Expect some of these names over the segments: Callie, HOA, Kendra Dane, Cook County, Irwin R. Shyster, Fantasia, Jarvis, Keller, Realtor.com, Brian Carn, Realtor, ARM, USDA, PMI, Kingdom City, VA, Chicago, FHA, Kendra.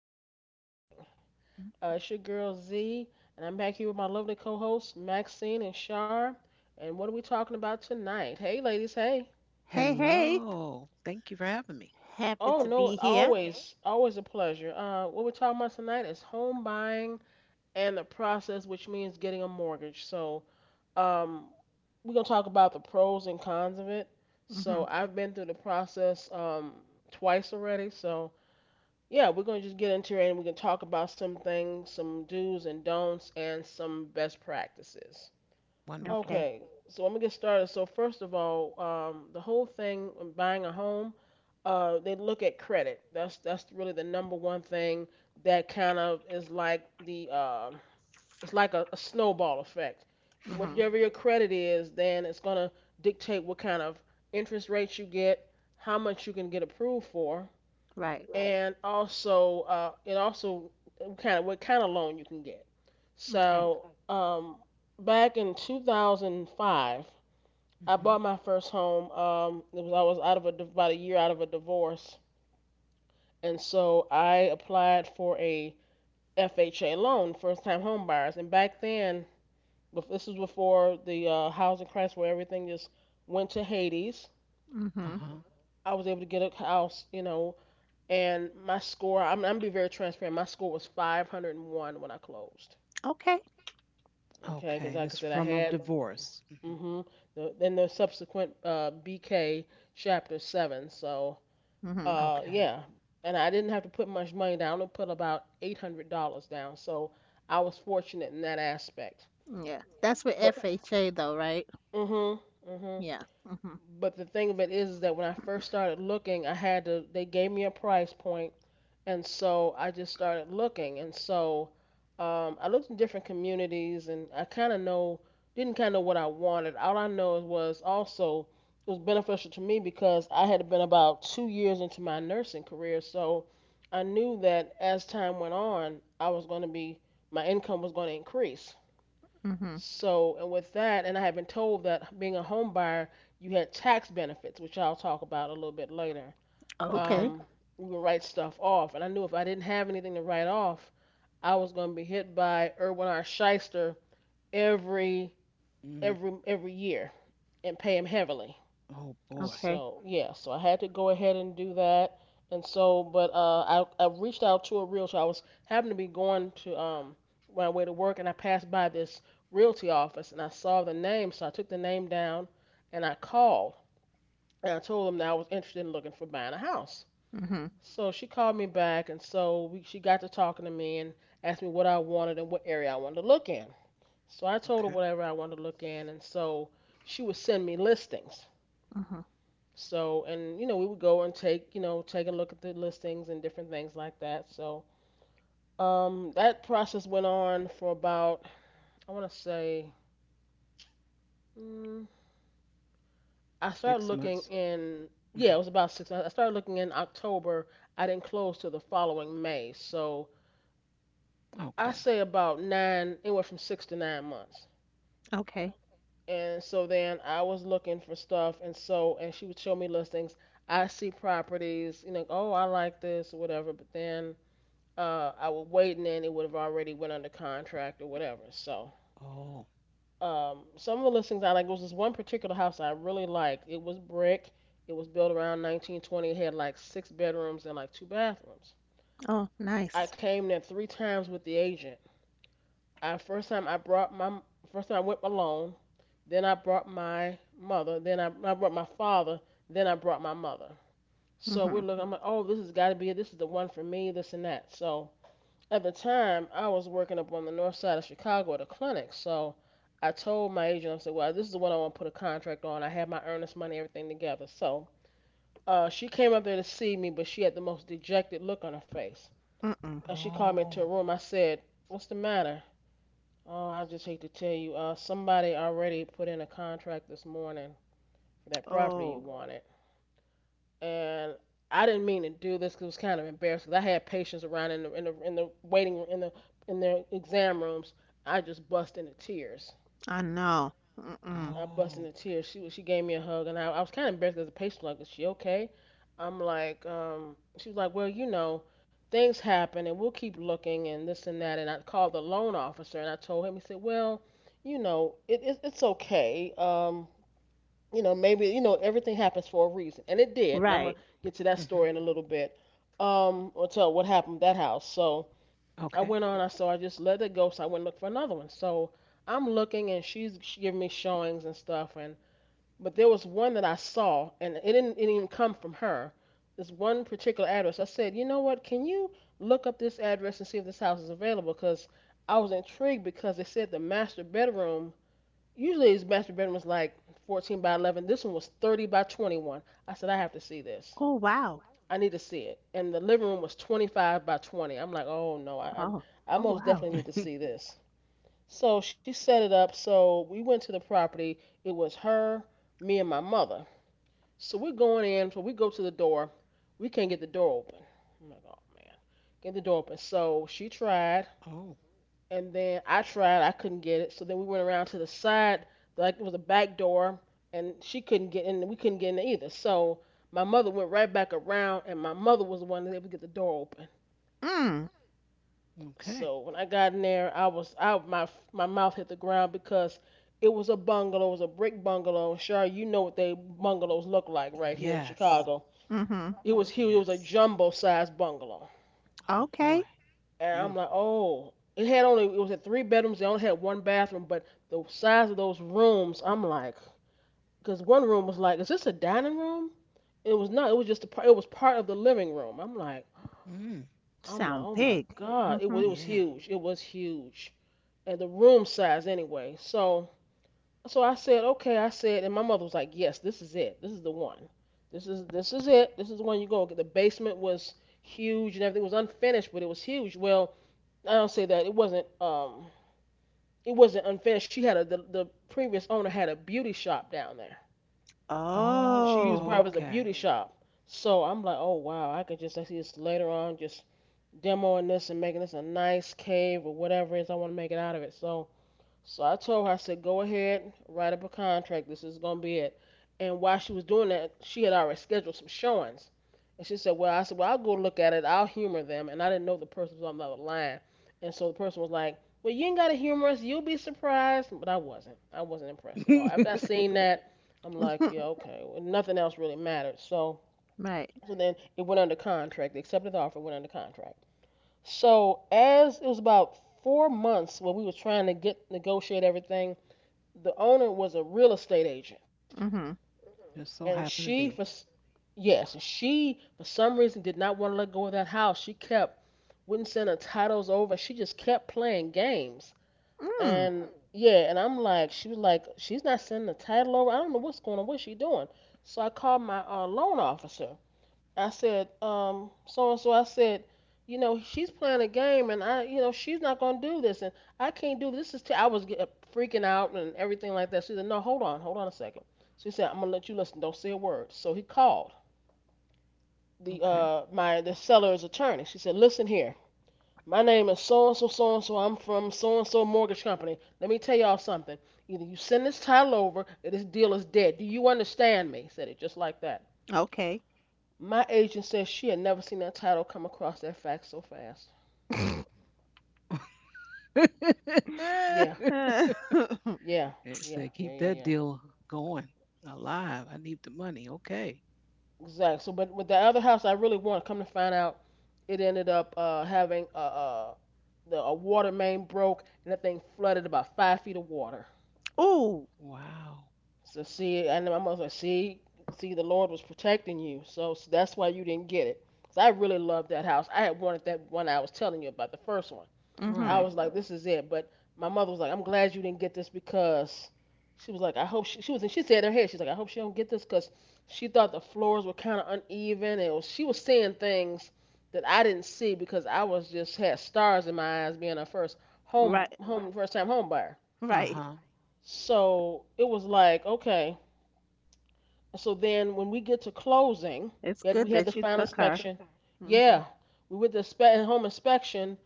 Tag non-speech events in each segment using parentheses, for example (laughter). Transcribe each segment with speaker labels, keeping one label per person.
Speaker 1: evening. It's your girl Z, and I'm back here with my lovely co hosts Maxine and Shar. And what are we talking about tonight? Hey, ladies, hey.
Speaker 2: Hey, hey.
Speaker 3: Hello. Thank you for having me.
Speaker 2: Happy
Speaker 1: Oh,
Speaker 2: to
Speaker 1: no,
Speaker 2: be here.
Speaker 1: always, always a pleasure. What we're talking about tonight is home buying and the process, which means getting a mortgage. So, um, we're going to talk about the pros and cons of it.
Speaker 2: Mhm.
Speaker 1: So, I've been through the process twice already, so yeah, we're gonna just get into it and we can talk about some things, some do's and don'ts, and some best practices.
Speaker 2: Okay.
Speaker 3: Wonderful.
Speaker 1: Okay, so let me get started. So first of all, the whole thing when buying a home, they look at credit. That's really the number one thing that kind of is like the, it's like a snowball effect.
Speaker 2: Mhm.
Speaker 1: Whatever your credit is, then it's gonna dictate what kind of interest rates you get, how much you can get approved for.
Speaker 2: Right.
Speaker 1: Right. And also it also kind of what kind of loan you can get.
Speaker 2: Okay.
Speaker 1: So back in 2005, I
Speaker 3: Hmm
Speaker 1: bought my first home. It was I was out of a about a year out of a divorce, and so I applied for a FHA loan, first time home buyers. And back then, this was before the housing crisis where everything just went to Hades.
Speaker 3: Uh
Speaker 2: Mhm.
Speaker 3: huh.
Speaker 1: I was able to get a house, you know, and my score, I'm gonna be very transparent, my score was 501 when I closed.
Speaker 2: Okay.
Speaker 1: Okay, because
Speaker 3: Okay. And
Speaker 1: like I
Speaker 3: it's
Speaker 1: said, I
Speaker 3: from a
Speaker 1: had,
Speaker 3: divorce. Hmm
Speaker 1: hmm, then the subsequent bk, chapter 7. So
Speaker 2: Mhm.
Speaker 3: Okay.
Speaker 1: yeah. And I didn't have to put much money down, I only put about $800 down, so I was fortunate in that aspect.
Speaker 2: Yeah. That's with
Speaker 1: But,
Speaker 2: FHA though, right?
Speaker 1: hmm, hmm
Speaker 2: Yeah. Mhm.
Speaker 1: but the thing of it is that when I first started looking, I had to, they gave me a price point. And so I just started looking. And so I looked in different communities and I kind of know, didn't kind of know what I wanted. All I know was also, it was beneficial to me because I had been about 2 years into my nursing career. So I knew that as time went on, I was going to be, my income was going to increase.
Speaker 2: Mhm.
Speaker 1: So, and with that, and I had been told that being a home buyer, you had tax benefits, which I'll talk about a little bit later.
Speaker 2: Okay.
Speaker 3: Okay.
Speaker 1: Um, we would write stuff off. And I knew if I didn't have anything to write off, I was going to be hit by Irwin R. Shyster every,
Speaker 3: Mm.
Speaker 1: every year and pay him heavily.
Speaker 3: Oh, boy.
Speaker 2: Okay.
Speaker 1: So yeah, so I had to go ahead and do that. And so, but uh, I reached out to a realtor. I was happened to be going to my way to work, and I passed by this realty office, and I saw the name, so I took the name down, and I called, and I told them that I was interested in looking for buying a house.
Speaker 2: Mhm.
Speaker 1: So she called me back, and so she got to talking to me and asked me what I wanted and what area I wanted to look in. So I told her
Speaker 3: Okay.
Speaker 1: whatever I wanted to look in, and so she would send me listings.
Speaker 2: Mhm.
Speaker 1: So, and you know we would go and take take a look at the listings and different things like that. So that process went on for about, I want to say, mm, I started
Speaker 3: Six
Speaker 1: looking
Speaker 3: months.
Speaker 1: in, yeah,
Speaker 3: Hmm
Speaker 1: it was about six months. I started looking in October. I didn't close till the following May. So I
Speaker 3: Okay.
Speaker 1: say about nine, anywhere from 6 to 9 months.
Speaker 2: Okay.
Speaker 1: And so then I was looking for stuff, and so and she would show me listings. I see properties, you know, oh I like this or whatever, but then I would wait, and then it would have already went under contract or whatever. So
Speaker 3: Oh.
Speaker 1: some of the listings I like, there was this one particular house I really liked. It was brick. It was built around 1920. It had like six bedrooms and like two bathrooms.
Speaker 2: Oh,
Speaker 1: I
Speaker 2: nice.
Speaker 1: came there three times with the agent. I first time I brought my First time I went alone. Then I brought my mother. Then I brought my father. Then I brought my mother. So we're
Speaker 2: Mhm.
Speaker 1: looking. I'm like, oh, this has got to be it. This is the one for me. This and that. So at the time, I was working up on the north side of Chicago at a clinic. So I told my agent, I said, well, this is the one I want to put a contract on. I have my earnest money, everything together. So she came up there to see me, but she had the most dejected look on her face.
Speaker 2: Mm-mm.
Speaker 1: And she called me into a
Speaker 3: Oh.
Speaker 1: room. I said, what's the matter? Oh, I just hate to tell you, somebody already put in a contract this morning for that property you
Speaker 2: Oh,
Speaker 1: wanted. And I didn't mean to do this 'cause it was kind of embarrassing. I had patients around in the waiting room, in their exam rooms. I just bust into tears.
Speaker 2: I know. Mm-mm.
Speaker 1: I bust
Speaker 3: Oh.
Speaker 1: into tears. She gave me a hug, and I was kind of embarrassed as a patient. Like, is she okay? I'm like, she was like, well, you know, things happen, and we'll keep looking, and this and that. And I called the loan officer, and I told him. He said, well, you know, it's okay. You know, maybe, you know, everything happens for a reason. And it did. And I'm going
Speaker 2: Right.
Speaker 1: to get to that
Speaker 3: hmm
Speaker 1: story in a little bit. Or tell what happened with that house. So I went
Speaker 3: Okay.
Speaker 1: on, I so I just let it go. So I went and looked for another one. So I'm looking and she's she giving me showings and stuff. And, but there was one that I saw and it didn't even come from her. This one particular address. I said, you know what? Can you look up this address and see if this house is available? Because I was intrigued because they said the master bedroom, usually his master bedroom is like 14 by 11. This one was 30 by 21. I said, I have to see this.
Speaker 2: Oh, wow.
Speaker 1: I need to see it. And the living room was 25 by 20. I'm like, oh no,
Speaker 2: Oh. Oh,
Speaker 1: I most
Speaker 2: wow.
Speaker 1: definitely need to
Speaker 3: (laughs)
Speaker 1: see this. So she set it up. So we went to the property. It was her, me, and my mother. So we're going in. So we go to the door. We can't get the door open. I'm like, oh man, get the door open. So she tried.
Speaker 3: Oh.
Speaker 1: And then I tried, I couldn't get it. So then we went around to the side, like it was a back door, and she couldn't get in, we couldn't get in either. So my mother went right back around, and my mother was the one that was able to get the door open.
Speaker 2: Mm.
Speaker 3: Okay.
Speaker 1: So when I got in there, I was, I my my mouth hit the ground because it was a bungalow, it was a brick bungalow. Sure, you know what they bungalows look like right here in
Speaker 3: Yes.
Speaker 1: Chicago.
Speaker 2: Mhm.
Speaker 1: It was huge. It was a
Speaker 3: Yes.
Speaker 1: jumbo-sized bungalow.
Speaker 3: Oh, boy.
Speaker 2: Okay.
Speaker 1: And I'm like,
Speaker 3: Beautiful.
Speaker 1: oh, it had only, it was at three bedrooms. They only had one bathroom, but the size of those rooms, I'm like, because one room was like, is this a dining room? It was not. It was just a, it was part of the living room.
Speaker 3: Mm.
Speaker 1: I'm like,
Speaker 2: Sound
Speaker 1: oh my
Speaker 2: big.
Speaker 1: god, it was,
Speaker 2: Mhm.
Speaker 1: it was
Speaker 3: Yeah.
Speaker 1: huge. It was huge, and the room size anyway. So, so I said, okay, I said, and my mother was like, yes, this is it. This is the one. This is it. This is the one you go. The basement was huge and everything was unfinished, but it was huge. Well, I don't say that it wasn't. It wasn't unfair. She had a the previous owner had a beauty shop down there.
Speaker 3: Oh,
Speaker 1: She used
Speaker 2: Oh.
Speaker 1: Bravo as a
Speaker 3: okay.
Speaker 1: beauty shop. So I'm like, oh wow, I could just I see this later on, just demoing this and making this a nice cave or whatever it is I want to make it out of it. So, so I told her, I said, go ahead, write up a contract. This is gonna be it. And while she was doing that, she had already scheduled some showings. And she said, well, I said, well, I'll go look at it. I'll humor them. And I didn't know the person was on the other line. And so the person was like, well, you ain't got to humor us. You'll be surprised. But I wasn't. I wasn't
Speaker 3: (laughs)
Speaker 1: impressed at all. After I
Speaker 3: Just
Speaker 1: seen (laughs) that, I'm like, yeah,
Speaker 2: (laughs)
Speaker 1: okay. Well, nothing else really mattered. So,
Speaker 2: Right.
Speaker 1: so then it went under contract. They accepted the offer, went under contract. So as it was about 4 months when we were trying to get negotiate everything the owner was a real estate agent,
Speaker 2: Mhm.
Speaker 1: and
Speaker 3: so
Speaker 1: she
Speaker 3: happened to
Speaker 1: for
Speaker 3: be.
Speaker 1: yes, and she for some reason did not want to let go of that house. She kept wouldn't send her titles over. She just kept playing games,
Speaker 2: Mm,
Speaker 1: and yeah, and I'm like, she was like, she's not sending the title over. I don't know what's going on. What's she doing? So I called my loan officer, I said, so and so. I said, you know, she's playing a game, and I she's not gonna do this, and I can't do this. Freaking out and everything like that. She said, no, hold on a second. She said, I'm gonna let you listen. Don't say a word. So he called
Speaker 3: Okay.
Speaker 1: the seller's attorney. She said, listen here. My name is so and so so and so. I'm from so and so mortgage company. Let me tell y'all something. Either you send this title over, or this deal is dead. Do you understand me? Said it just like that.
Speaker 2: okay.
Speaker 1: My agent says she had never seen that title come across that fax so fast. Yeah,
Speaker 3: (laughs) (laughs)
Speaker 2: (laughs)
Speaker 1: yeah,
Speaker 3: It
Speaker 1: yeah,
Speaker 3: said,
Speaker 1: yeah,
Speaker 3: keep
Speaker 1: yeah,
Speaker 3: that
Speaker 1: yeah.
Speaker 3: deal going alive. I need the money. Okay.
Speaker 1: Exactly. So, but with the other house, I really wanted. Come to find out, it ended up having a water main broke and that thing flooded about 5 feet of water.
Speaker 2: Ooh.
Speaker 3: Wow.
Speaker 1: So see, and I was like, see, the Lord was protecting you. So that's why you didn't get it. Because I really loved that house. I had wanted that one I was telling you about, the first one. I
Speaker 2: Mhm.
Speaker 3: Right.
Speaker 1: was like, this is it. But my mother was like, I'm glad you didn't get this because she was like, I hope she was, and she said in her head, she's like, I hope she don't get this because she thought the floors were kind of uneven and she was seeing things that I didn't see because I was just had stars in my eyes being a
Speaker 2: Right.
Speaker 1: first time home buyer.
Speaker 3: Uh
Speaker 2: Right.
Speaker 3: huh.
Speaker 1: So it was like, okay. So then when we get to closing,
Speaker 2: It's
Speaker 1: we
Speaker 2: good
Speaker 1: had the
Speaker 2: that you
Speaker 1: final
Speaker 2: took her.
Speaker 1: inspection.
Speaker 2: Mhm.
Speaker 1: Yeah, we went to home inspection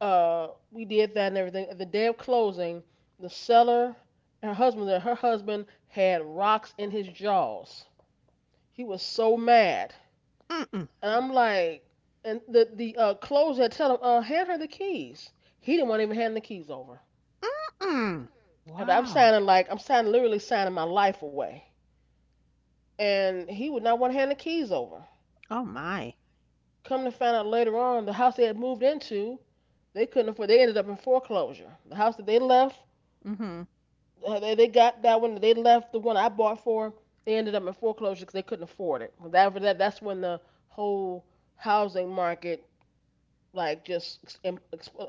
Speaker 1: we did that and everything. At the day of closing, the seller, her husband had rocks in his jaws. He was so mad,
Speaker 2: Mm-mm.
Speaker 1: and I'm like, and the closer had tell him, hand her the keys. He didn't want to even hand the keys over.
Speaker 2: Mm.
Speaker 1: And I'm
Speaker 3: Wow.
Speaker 1: signing like I'm signing literally signing my life away, and he would not want to hand the keys over.
Speaker 2: Oh my.
Speaker 1: Come to find out later on, the house they had moved into, they couldn't afford. They ended up in foreclosure. The house that they left
Speaker 2: Mhm.
Speaker 1: They got that one. They left the one I bought for 'em. They ended up in foreclosure because they couldn't afford it. After that that's when the whole housing market like just im-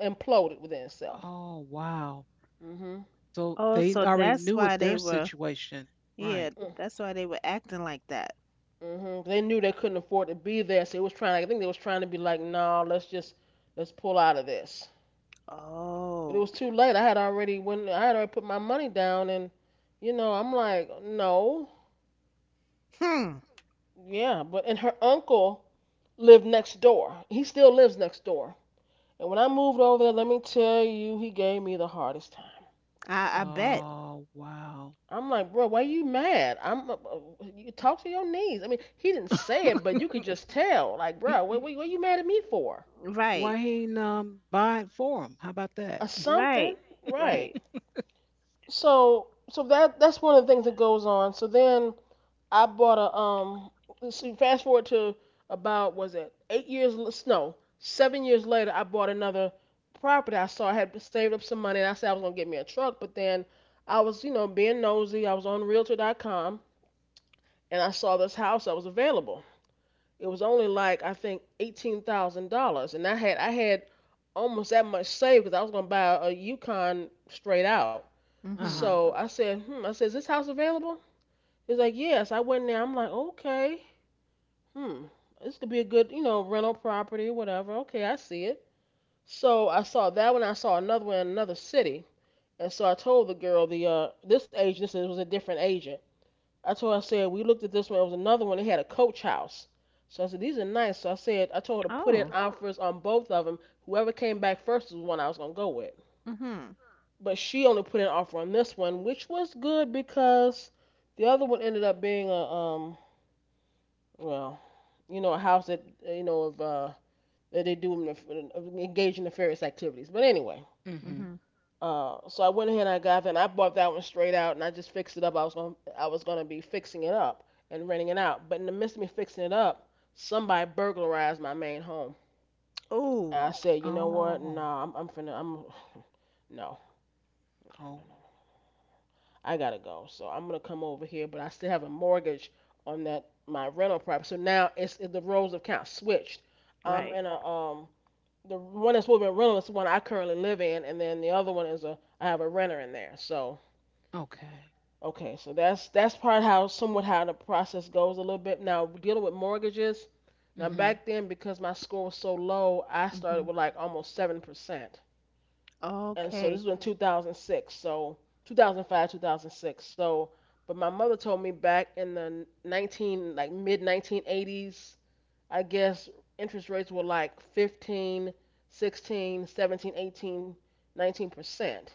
Speaker 1: imploded within itself.
Speaker 3: Oh, wow.
Speaker 1: Mhm.
Speaker 3: So
Speaker 2: Oh,
Speaker 3: they
Speaker 2: so
Speaker 3: already
Speaker 2: that's
Speaker 3: knew
Speaker 2: why
Speaker 3: what
Speaker 2: they
Speaker 3: their
Speaker 2: were.
Speaker 3: situation.
Speaker 2: Yeah,
Speaker 3: Right.
Speaker 1: Mm.
Speaker 2: that's why they were acting like that.
Speaker 1: Mhm. They knew they couldn't afford to be there, so it was trying. I think they was trying to be like, no, nah, let's pull out of this. But it
Speaker 2: Oh.
Speaker 1: was too late. I had already when I had already put my money down, and you know I'm like, no,
Speaker 2: Hmm.
Speaker 1: yeah. But and her uncle lived next door. He still lives next door. And when I moved over there, let me tell you, he gave me the hardest time.
Speaker 2: I bet.
Speaker 3: Oh, wow.
Speaker 1: I'm like, bro, why are you mad? I'm you talk to your knees. I mean, he didn't
Speaker 3: (laughs)
Speaker 1: say it, but you could just tell. Like, bro,
Speaker 3: he, he-
Speaker 1: what are you mad at me for?
Speaker 3: why
Speaker 2: Right.
Speaker 3: he ain't buy it for him? How about
Speaker 1: Or
Speaker 3: that?
Speaker 1: something,
Speaker 2: Right.
Speaker 1: right?
Speaker 2: Right.
Speaker 1: So that that's one of the things that goes on. So then I bought a. See, fast forward to about was it 8 years? No, 7 years later, I bought another property. I saw I had saved up some money, and I said I was gonna get me a truck. But then I was, you know, being nosy. I was on Realtor.com, and I saw this house that was available. It was only like I think $18,000, and I had almost that much saved because I was gonna buy a Yukon straight out.
Speaker 3: Uh
Speaker 2: Mhm.
Speaker 1: So
Speaker 3: huh.
Speaker 1: I said, hmm. I said, is this house available? He's like, yes. I went in there. I'm like, okay. Hmm. This could be a good, you know, rental property, whatever. Okay, I see it. So I saw that one. I saw another one in another city, and so I told the girl the this agent this was a different agent. I told her I said we looked at this one. It was another one. It had a coach house. So I said these are nice. So I said I told her to put in
Speaker 2: Oh.
Speaker 1: offers on both of them. Whoever came back first was the one I was gonna go with.
Speaker 2: Mhm.
Speaker 1: But she only put an offer on this one, which was good because the other one ended up being a well you know a house that you know of that they engage in nefarious activities. But anyway,
Speaker 3: Mm-hmm.
Speaker 2: Mhm.
Speaker 1: so I went ahead and I got that. And I bought that one straight out, and I just fixed it up. I was gonna be fixing it up and renting it out. But in the midst of me fixing it up, somebody burglarized my main home.
Speaker 2: Oh.
Speaker 1: And I said, you know what? No,
Speaker 3: Oh.
Speaker 1: I'm finna, I'm no,
Speaker 3: Oh.
Speaker 1: I gotta go. So I'm gonna come over here, but I still have a mortgage on that my rental property. So now it's the roles of kind of switched. I'm
Speaker 2: Right.
Speaker 1: in a the one that's supposed to be a rental is the one I currently live in, and then the other one is a I have a renter in there. So
Speaker 3: Okay.
Speaker 1: okay, so that's part how somewhat how the process goes a little bit. Now dealing with mortgages. Now
Speaker 3: Mm-hmm.
Speaker 1: back then because my score was so low, I started
Speaker 2: Mhm.
Speaker 1: with like almost 7%, and so
Speaker 2: Okay.
Speaker 1: this was in 2006, so 2005, 2006. So, but my mother told me back in the 19 like mid 1980s I guess interest rates were like 15, 16, 17, 18, 19%.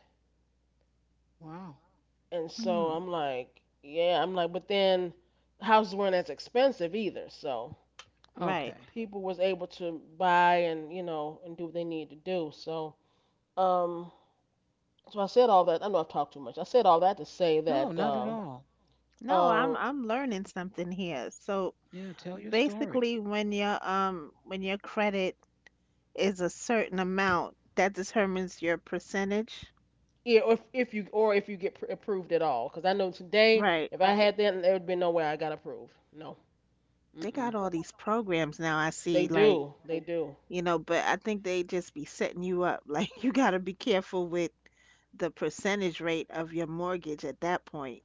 Speaker 3: Wow.
Speaker 1: And so
Speaker 2: Mm.
Speaker 1: I'm like, yeah, I'm like, but then houses weren't as expensive either. So
Speaker 2: Right.
Speaker 3: Okay.
Speaker 1: people was able to buy and, you know, and do what they need to do. So, um, so I said all that. I know I've talked too much. I said all that to say
Speaker 3: No,
Speaker 1: that,
Speaker 3: not at all.
Speaker 2: No,
Speaker 1: uh,
Speaker 2: I'm learning something here. So
Speaker 3: Yeah, tell your story.
Speaker 2: basically when your credit is a certain amount, that determines your percentage.
Speaker 1: yeah, if you or if you get approved at all, because I know today
Speaker 2: Right.
Speaker 1: if I had that, there would be no way I got approved. No.
Speaker 2: They
Speaker 1: Mm-mm.
Speaker 2: got all these programs now I
Speaker 1: They
Speaker 2: see, like,
Speaker 1: do. They do.
Speaker 2: you know, but I think they just be setting you up. (laughs) Like you got to be careful with the percentage rate of your mortgage at that point,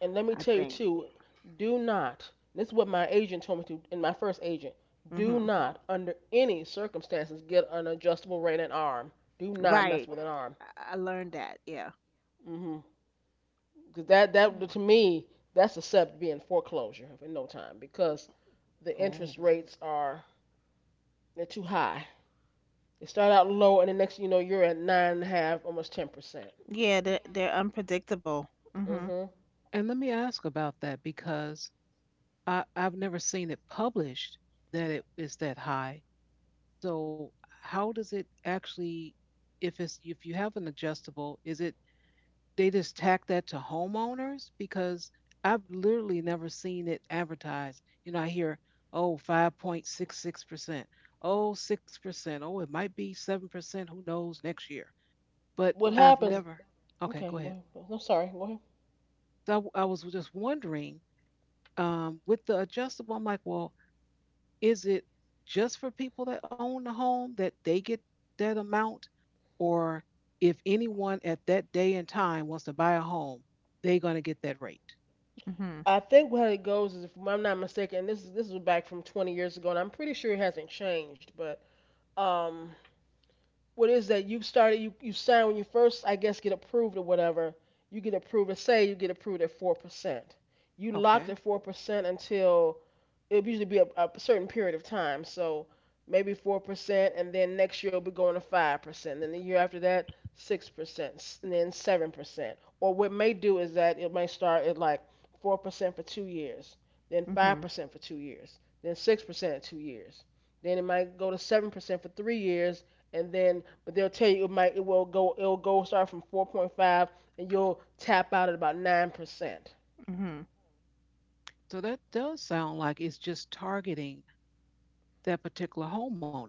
Speaker 1: And let me
Speaker 2: I
Speaker 1: tell you
Speaker 2: think.
Speaker 1: too, do not. This is what my agent told me to, and my first agent. Do
Speaker 2: Hmm.
Speaker 1: not, under any circumstances, get an adjustable rate arm. Do not mess
Speaker 2: Right.
Speaker 1: with an arm.
Speaker 2: I learned that. Yeah.
Speaker 1: 'Cause that
Speaker 3: Hmm.
Speaker 1: to me that's a sub being foreclosure in no time because the interest
Speaker 3: Oh,
Speaker 1: rates are they're too high. They start out low, and the next thing you know you're at 9.5%, almost 10%.
Speaker 2: Yeah, they're unpredictable. Mhm.
Speaker 1: Mm-hmm.
Speaker 3: and let me ask about that because I've never seen it published that it is that high. So how does it actually, if you have an adjustable, is it they just tack that to homeowners? Because I've literally never seen it advertised. You know, I hear, oh 5.66%, oh 6%, oh, it might be 7%, who knows next year. But
Speaker 1: What
Speaker 3: I've
Speaker 1: happens?
Speaker 3: never, okay,
Speaker 1: Okay,
Speaker 3: go
Speaker 1: go
Speaker 3: ahead.
Speaker 1: ahead. No, sorry. Go
Speaker 3: So I, I was just wondering, with the adjustable, I'm like, well, is it just for people that own the home that they get that amount? Or if anyone at that day and time wants to buy a home, they're going to get that rate?
Speaker 2: Mhm.
Speaker 1: I think how it goes is, if I'm not mistaken, and this is back from 20 years ago, and I'm pretty sure it hasn't changed. But um, what is that? You you sign when you first, I guess, get approved or whatever. You get approved. Say you get approved at 4%. You
Speaker 3: Okay.
Speaker 1: locked at 4% until it would usually be a certain period of time. So maybe 4%, and then next year it'll be going to 5%. And then the year after that, 6%, and then 7%. Or what it may do is that it may start at like 4% for 2 years, then five
Speaker 2: Mhm.
Speaker 1: percent for 2 years, then 6% in 2 years. Then it might go to 7% for 3 years, and then but they'll tell you it will go it'll go start from 4.5, and you'll tap out at about 9%.
Speaker 2: Mhm.
Speaker 3: So that does sound like it's just targeting that particular homeowner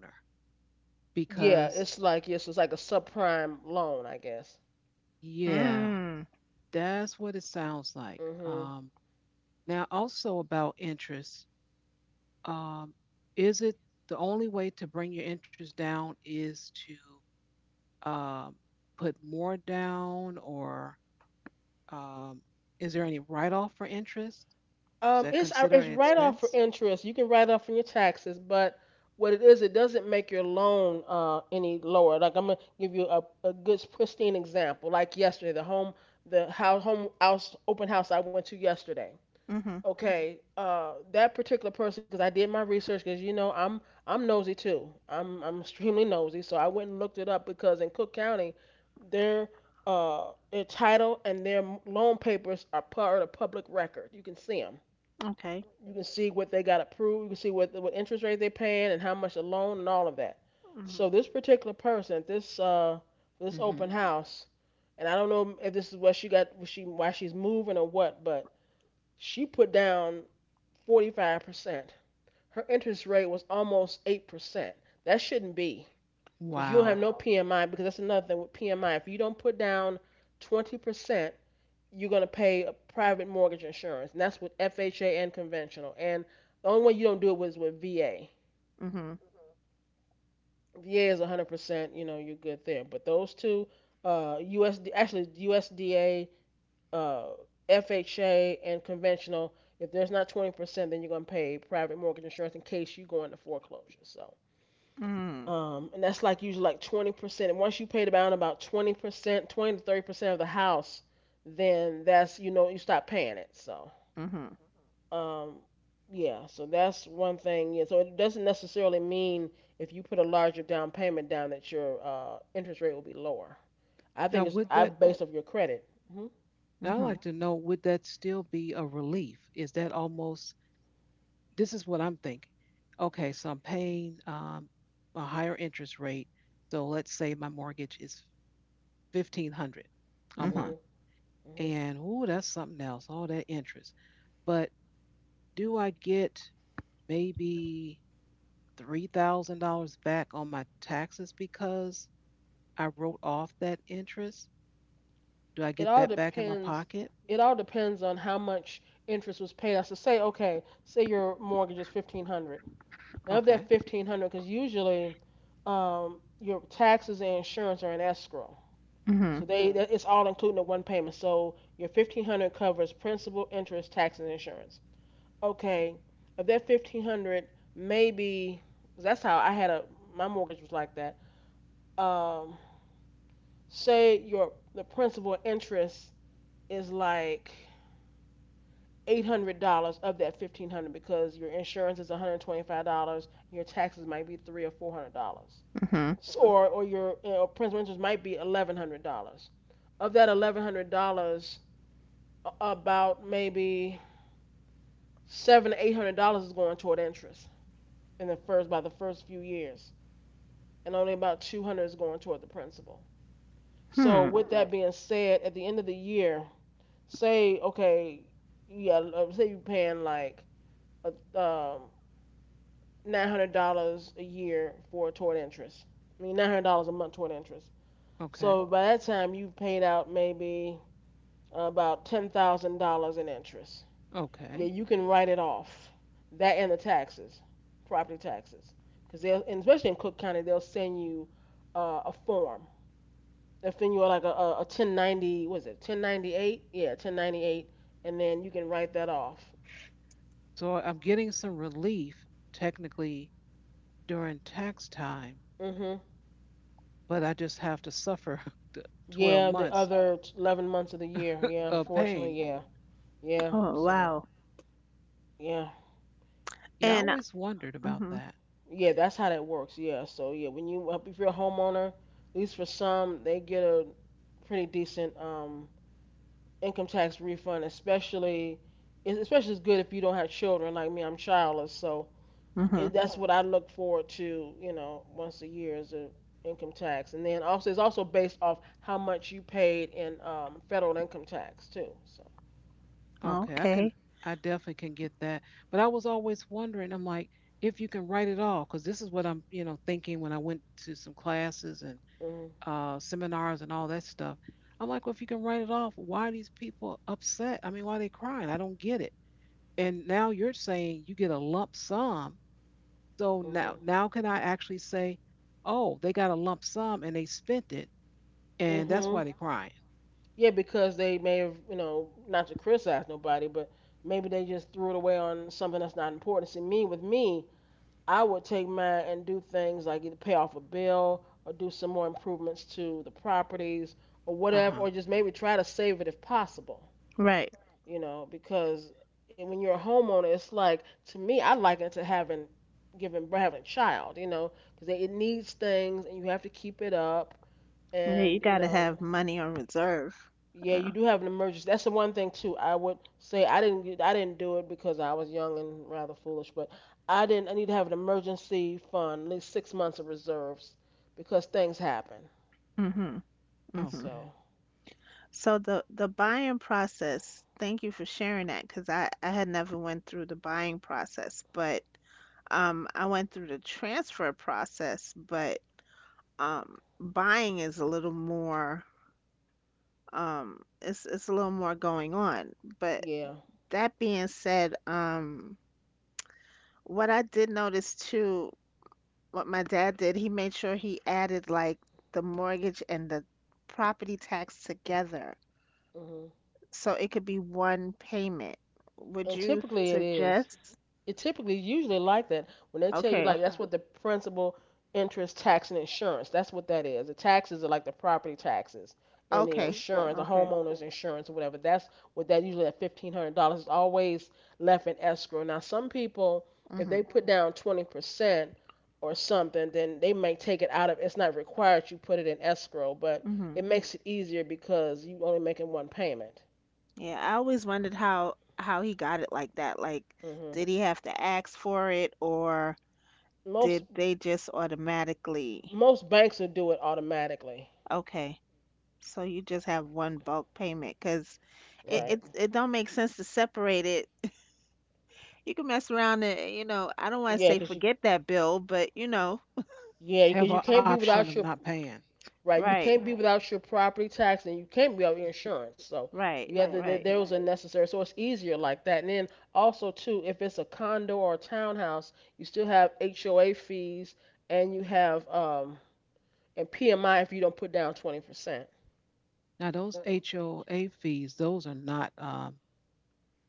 Speaker 1: Yeah,
Speaker 3: because,
Speaker 1: it's like yes, it's like a subprime loan, I guess.
Speaker 3: yeah,
Speaker 2: Mm.
Speaker 3: that's what it sounds like.
Speaker 1: Hmm.
Speaker 3: Now, also about interest, um, is it the only way to bring your interest down is to um, put more down, or um, is there any write off for interest? Is that
Speaker 1: It's
Speaker 3: considered an
Speaker 1: write off for
Speaker 3: expense?
Speaker 1: interest. You can write off from your taxes, but what it is, it doesn't make your loan any lower. Like I'm gonna give you a good pristine example. Like yesterday, the home the house home house open house I went to yesterday.
Speaker 2: Mhm.
Speaker 1: Okay, that particular person, because I did my research, because I'm nosy too. I'm extremely nosy, so I went and looked it up because in Cook County, their their title and their loan papers are part of public record. You can see them.
Speaker 2: Okay.
Speaker 1: You can see what they got approved. You can see what interest rate they're paying and how much the loan and all of that.
Speaker 2: Mhm.
Speaker 1: So this particular person, this
Speaker 3: Hmm
Speaker 1: open house, and I don't know if this is what she got, what she why she's moving or what, but she put down 45%. Her interest rate was almost 8%. That shouldn't be because you don't
Speaker 3: Wow.
Speaker 1: have no PMI because that's another thing with PMI. If you don't put down 20%, you're going to pay a private mortgage insurance. And that's with FHA and conventional. And the only way you don't do it was with VA.
Speaker 2: Mhm.
Speaker 1: VA is 100%, you're good there. But those two, USD, actually USDA uh, FHA and conventional. If there's not 20%, then you're going to pay private mortgage insurance in case you go into foreclosure. So,
Speaker 2: Hmm.
Speaker 1: and that's like usually like 20%. And once you pay down about 20%, 20 to 30% of the house, then that's, you stop paying it. So,
Speaker 2: Mhm.
Speaker 1: um, yeah, so that's one thing. Yeah, so it doesn't necessarily mean if you put a larger down payment down that your interest rate will be lower. I
Speaker 3: Now,
Speaker 1: think it's
Speaker 3: would
Speaker 1: I
Speaker 3: that
Speaker 1: based off your credit. Hmm.
Speaker 3: Now, I'd
Speaker 2: Mhm.
Speaker 3: like to know would that still be a relief? Is that almost This is what I'm thinking. Okay, so I'm paying a higher interest rate. So let's say my mortgage is 1,500 a
Speaker 2: Mhm.
Speaker 1: Hmm.
Speaker 3: month.
Speaker 1: Hmm.
Speaker 3: And ooh, that's something else, all that interest. But do I get maybe $3,000 back on my taxes because I wrote off that interest? Do I
Speaker 1: it
Speaker 3: get
Speaker 1: all
Speaker 3: that back in my
Speaker 1: depends
Speaker 3: pocket?
Speaker 1: it all depends on how much interest was paid out. So say okay, say your mortgage is 1,500. And of
Speaker 3: Okay,
Speaker 1: that 1,500, because usually your taxes and insurance are in escrow,
Speaker 2: Mhm.
Speaker 1: so it's all included in one payment. So your 1,500 covers principal, interest, taxes, and insurance. Okay, of that 1,500, maybe that's how I had a my mortgage was like that. Um, say your the principal interest is like $800 of that $1,500 because your insurance is $125, your taxes might be $300 or $400,
Speaker 2: Mhm.
Speaker 1: so, or your principal interest might be $1,100. Of that $1,100, about maybe $700 to $800 is going toward interest in the first by the first few years, and only about $200 is going toward the principal. So
Speaker 2: Hmm.
Speaker 1: with that being said, at the end of the year, say okay, yeah, say you're paying like a. $900 a year for toward interest. I mean, $900 a month toward interest.
Speaker 3: okay,
Speaker 1: So by that time, you've paid out maybe about $10,000 in interest. Yeah,
Speaker 3: okay.
Speaker 1: you can write it off. That and the taxes, property taxes, because and especially in Cook County, they'll send you a form. They'll send you like a, 1090, what is it, 1098? Yeah, 1098, and then you can write that off.
Speaker 3: So I'm getting some relief technically during tax time,
Speaker 1: Mm. Mhm.
Speaker 3: but I just have to suffer (laughs) the 12
Speaker 1: Yeah, the
Speaker 3: months
Speaker 1: other 11 months of the year. Yeah,
Speaker 3: of
Speaker 1: unfortunately,
Speaker 3: pain.
Speaker 1: yeah. Yeah,
Speaker 2: Oh,
Speaker 1: so
Speaker 2: wow.
Speaker 1: yeah,
Speaker 3: Yeah, I
Speaker 2: And
Speaker 3: always wondered about
Speaker 2: mhm.
Speaker 3: that.
Speaker 1: yeah, that's how that works. Yeah, so yeah, when you if you're a homeowner, at least for some, they get a pretty decent income tax refund, especially it's good if you don't have children like me. I'm childless, so
Speaker 2: Mhm.
Speaker 1: that's what I look forward to, once a year is a income tax, and then also it's also based off how much you paid in federal income tax too. So.
Speaker 3: Okay, I can,
Speaker 2: Okay.
Speaker 3: I definitely can get that. But I was always wondering, I'm like, if you can write it off, because this is what I'm, you know, thinking when I went to some classes and
Speaker 1: Mm-hmm.
Speaker 3: seminars and all that stuff. I'm like, well, if you can write it off, why are these people upset? I mean, why are they crying? I don't get it. And now you're saying you get a lump sum. So
Speaker 1: Mm-hmm.
Speaker 3: now can I actually say, "Oh, they got a lump sum and they spent it, and that's
Speaker 1: Mhm.
Speaker 3: why they're crying."
Speaker 1: Yeah, because they may have, not to criticize nobody, but maybe they just threw it away on something that's not important. See, me with me, I would take mine and do things like either pay off a bill or do some more improvements to the properties or whatever,
Speaker 3: Uh-huh.
Speaker 1: or just maybe try to save it if possible,
Speaker 2: Right.
Speaker 1: because when you're a homeowner, it's like to me, I liken it to having a child, because it needs things and you have to keep it up
Speaker 2: Yeah, you
Speaker 1: and you
Speaker 2: got to
Speaker 1: know.
Speaker 2: have money on reserve.
Speaker 1: Yeah, you
Speaker 2: Yeah.
Speaker 1: do have an emergency. That's the one thing too. I would say I didn't do it because I was young and rather foolish, but I didn't I need to have an emergency fund, at least 6 months of reserves because things happen.
Speaker 2: Mhm. Mhm.
Speaker 3: Okay.
Speaker 1: So,
Speaker 2: So the buying process, thank you for sharing that because I had never went through the buying process, but I went through the transfer process, but buying is a little more, it's a little more going on. But
Speaker 1: yeah.
Speaker 2: that being said, what I did notice too: what my dad did, he made sure he added like the mortgage and the property tax together
Speaker 1: Mhm.
Speaker 2: so it could be one payment. Would
Speaker 1: And
Speaker 2: you
Speaker 1: typically it is.
Speaker 2: suggest?
Speaker 1: It typically is usually like that when they tell you
Speaker 2: Okay.
Speaker 1: like that's what the principal, interest, tax, and insurance. That's what that is. The taxes are like the property taxes and the
Speaker 2: Okay.
Speaker 1: insurance, the
Speaker 2: Okay.
Speaker 1: homeowner's insurance or whatever. That's what that usually at $1,500 is always left in escrow. Now some people if they
Speaker 2: Mhm.
Speaker 1: put down 20% or something, then they might take it out of it's not required you put it in escrow, but
Speaker 2: Mhm.
Speaker 1: it makes it easier because you only making one payment.
Speaker 2: Yeah, I always wondered how he got it like that. Like,
Speaker 1: Hmm.
Speaker 2: did he have to ask for it, or
Speaker 1: Most
Speaker 2: did they just automatically?
Speaker 1: most banks will do it automatically.
Speaker 2: Okay, so you just have one bulk payment because it,
Speaker 1: Right.
Speaker 2: it it don't make sense to separate it. (laughs) You can mess around and, you know, I don't want to
Speaker 1: Yeah,
Speaker 2: say
Speaker 1: because you
Speaker 2: forget that bill, but, you know.
Speaker 1: yeah, because
Speaker 3: Have
Speaker 1: you
Speaker 3: an
Speaker 1: can't be
Speaker 3: option of
Speaker 1: without your
Speaker 3: not paying. (laughs)
Speaker 1: right. You
Speaker 2: Right,
Speaker 1: can't be without your property tax, and you can't be without your insurance. So
Speaker 2: right,
Speaker 1: you have to.
Speaker 2: right.
Speaker 1: There
Speaker 3: Mhm.
Speaker 1: was necessary. So it's easier like that. And then also too, if it's a condo or a townhouse, you still have HOA fees, and you have and PMI if you don't put down 20%.
Speaker 3: Now, those HOA fees, those are not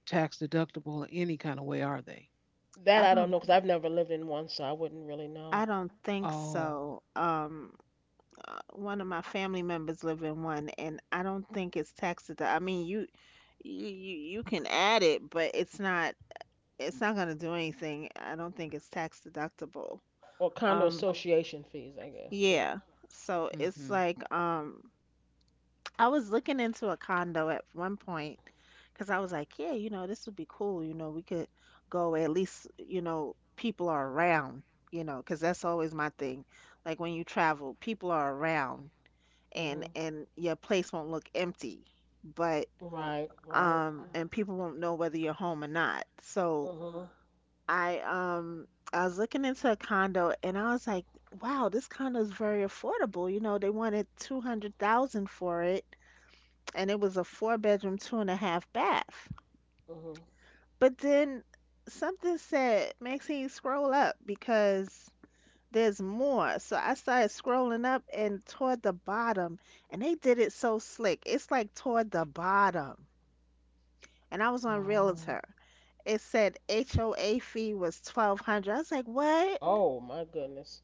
Speaker 3: tax deductible in any kind of way, are they?
Speaker 1: That
Speaker 2: I
Speaker 1: I don't
Speaker 2: don't
Speaker 1: know because I've never lived in one, so I wouldn't really know.
Speaker 2: I don't think
Speaker 3: Oh,
Speaker 2: so. One of my family members live in one, and I don't think it's tax taxed. I mean, you you can add it, but it's not gonna do anything. I don't think it's tax deductible.
Speaker 1: Or condo
Speaker 2: Um.
Speaker 1: association fees, I guess too.
Speaker 2: Yeah. So
Speaker 3: mm-hmm.
Speaker 2: it's like, I was looking into a condo at one point because I was like, yeah, this would be cool. We could go where at least, people are around, because that's always my thing. Like when you travel, people are around,
Speaker 1: Mm-hmm.
Speaker 2: and your place won't look empty. But,
Speaker 1: Right, right.
Speaker 2: and people won't know whether you're home or not.
Speaker 1: Want.
Speaker 2: So
Speaker 1: Mhm,
Speaker 2: I um I was looking into a condo, and I was like, wow, this condo is very affordable. You know, they wanted 200,000 for it, and it was a four bedroom, two and a half bath.
Speaker 1: mhm.
Speaker 2: But then something said, Maxine, scroll up, because there's more. So I started scrolling up and toward the bottom, and they did it so slick. It's like toward the bottom. And I was on
Speaker 3: Oh,
Speaker 2: Realtor. It said HOA fee was 1200. I was like, what?
Speaker 1: Oh my goodness.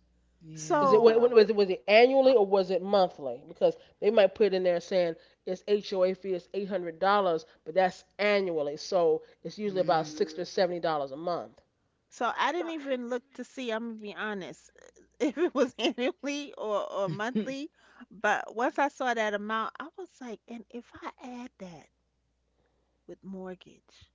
Speaker 3: yeah.
Speaker 2: So
Speaker 1: So, was it annually or was it monthly? Because they might put it in there saying it's HOA fee is $800, but that's annually, so it's usually about
Speaker 3: Mm.
Speaker 1: 60 or $70 a month.
Speaker 2: So I didn't even look to see, I'm gonna be honest, (laughs) if it was (laughs) annually or,
Speaker 3: (laughs)
Speaker 2: monthly. But once I saw that amount, I was like, and if I add that with mortgage,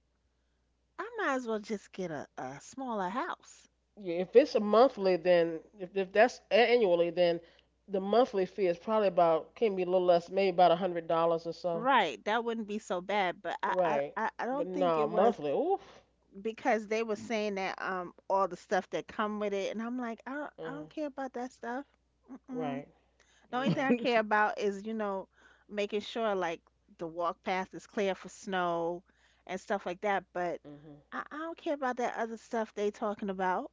Speaker 2: I might as well just get a smaller house.
Speaker 1: Yeah, if it's a monthly, then if that's annually, then the monthly fee is probably about can be a little less, maybe about $100 or so.
Speaker 2: Right, that wouldn't be so bad, but I, I
Speaker 1: Right,
Speaker 2: I I
Speaker 1: but
Speaker 2: don't think
Speaker 1: no
Speaker 2: it was,
Speaker 1: monthly. Oof.
Speaker 2: because they were saying that, all the stuff that come with it, and I'm like, I don't I
Speaker 1: Mhm.
Speaker 2: don't care about that stuff. Mm-mm.
Speaker 1: Right.
Speaker 2: The only thing
Speaker 1: Yeah.
Speaker 2: I care about is, making sure, like, the walk path is clear for snow and stuff like that. But
Speaker 1: Mhm.
Speaker 2: I don't care about that other stuff they talking about.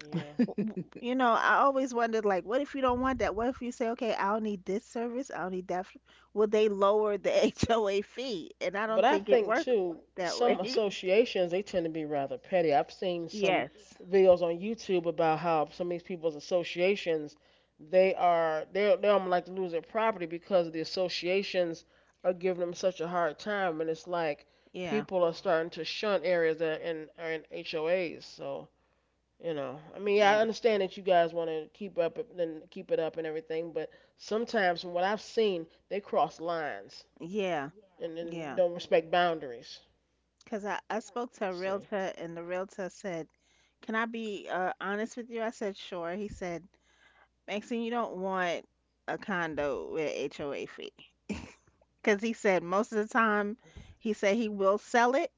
Speaker 1: Yeah.
Speaker 2: W- w-
Speaker 3: (laughs)
Speaker 2: You know, I always wondered, like, what if you don't want that? What if you say, okay, I don't need this service, I don't need that. Will they lower the (laughs) HOA fee? And I don't
Speaker 1: But I
Speaker 2: think it
Speaker 1: think
Speaker 2: works
Speaker 1: too,
Speaker 2: that way.
Speaker 1: some
Speaker 2: (laughs)
Speaker 1: associations they tend to be rather petty. I've seen some
Speaker 2: Yes.
Speaker 1: videos on YouTube about how some of these people's associations, they are they almost like to lose their property because the associations are giving them such a hard time, and it's like
Speaker 2: Yeah.
Speaker 1: people are starting to shun areas that are in HOAs. So I mean, yeah, I
Speaker 2: Yeah.
Speaker 1: understand that you guys want to keep up and keep it up and everything, but sometimes from what I've seen, they cross lines
Speaker 2: Yeah.
Speaker 1: and then
Speaker 2: Yeah.
Speaker 1: don't respect boundaries.
Speaker 2: Because I spoke to a
Speaker 1: See,
Speaker 2: realtor, and the realtor said, can I be honest with you? I said, sure. He said, Maxine, you don't want a condo with HOA fee. Because he said, most of the time, he said, he will sell it,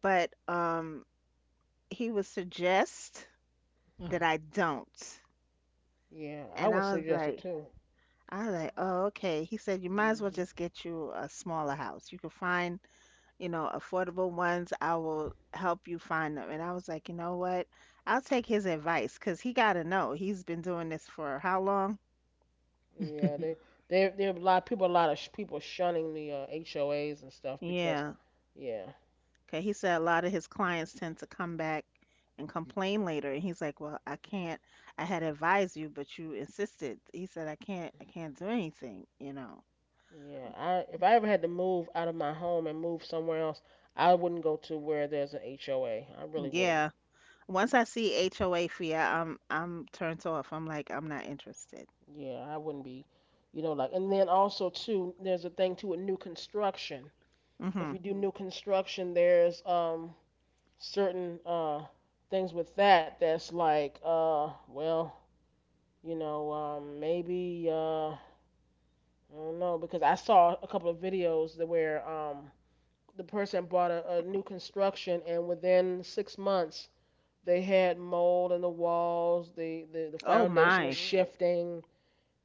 Speaker 2: but, he would suggest that
Speaker 3: Oh.
Speaker 2: I don't.
Speaker 1: yeah, I
Speaker 2: And
Speaker 1: would
Speaker 2: I was
Speaker 1: suggest it
Speaker 2: like,
Speaker 1: too.
Speaker 2: I was like, oh, okay. He said, you might as well
Speaker 1: Hmm.
Speaker 2: just get you a smaller house. You can find, affordable ones. I will help you find them. And I was like, you know what? I'll take his advice, because he got to know. He's been doing this for how long?
Speaker 1: Yeah, they
Speaker 3: (laughs)
Speaker 1: there there are a lot of people a lot of people shunning the HOAs and stuff because
Speaker 2: Yeah.
Speaker 1: yeah,
Speaker 2: Okay. He said a lot of his clients tend to come back and complain later. And he's like, well, I can't. I had advised you, but you insisted. He said, I can't. I can't do anything. You know.
Speaker 1: yeah. I if I ever had to move out of my home and move somewhere else, I wouldn't go to where there's an HOA. I really wouldn't.
Speaker 2: Yeah. Once I see HOA fee, I'm turned off. I'm like, I'm not interested.
Speaker 1: Yeah, I wouldn't be, like. And then also too, there's a thing to a new construction. If
Speaker 2: Mhm.
Speaker 1: you do new construction, there's certain things with that that's like, well, maybe I don't know because I saw a couple of videos that where the person bought a new construction and within 6 months they had mold in the walls, the
Speaker 2: Oh
Speaker 1: foundation was
Speaker 2: my.
Speaker 1: shifting,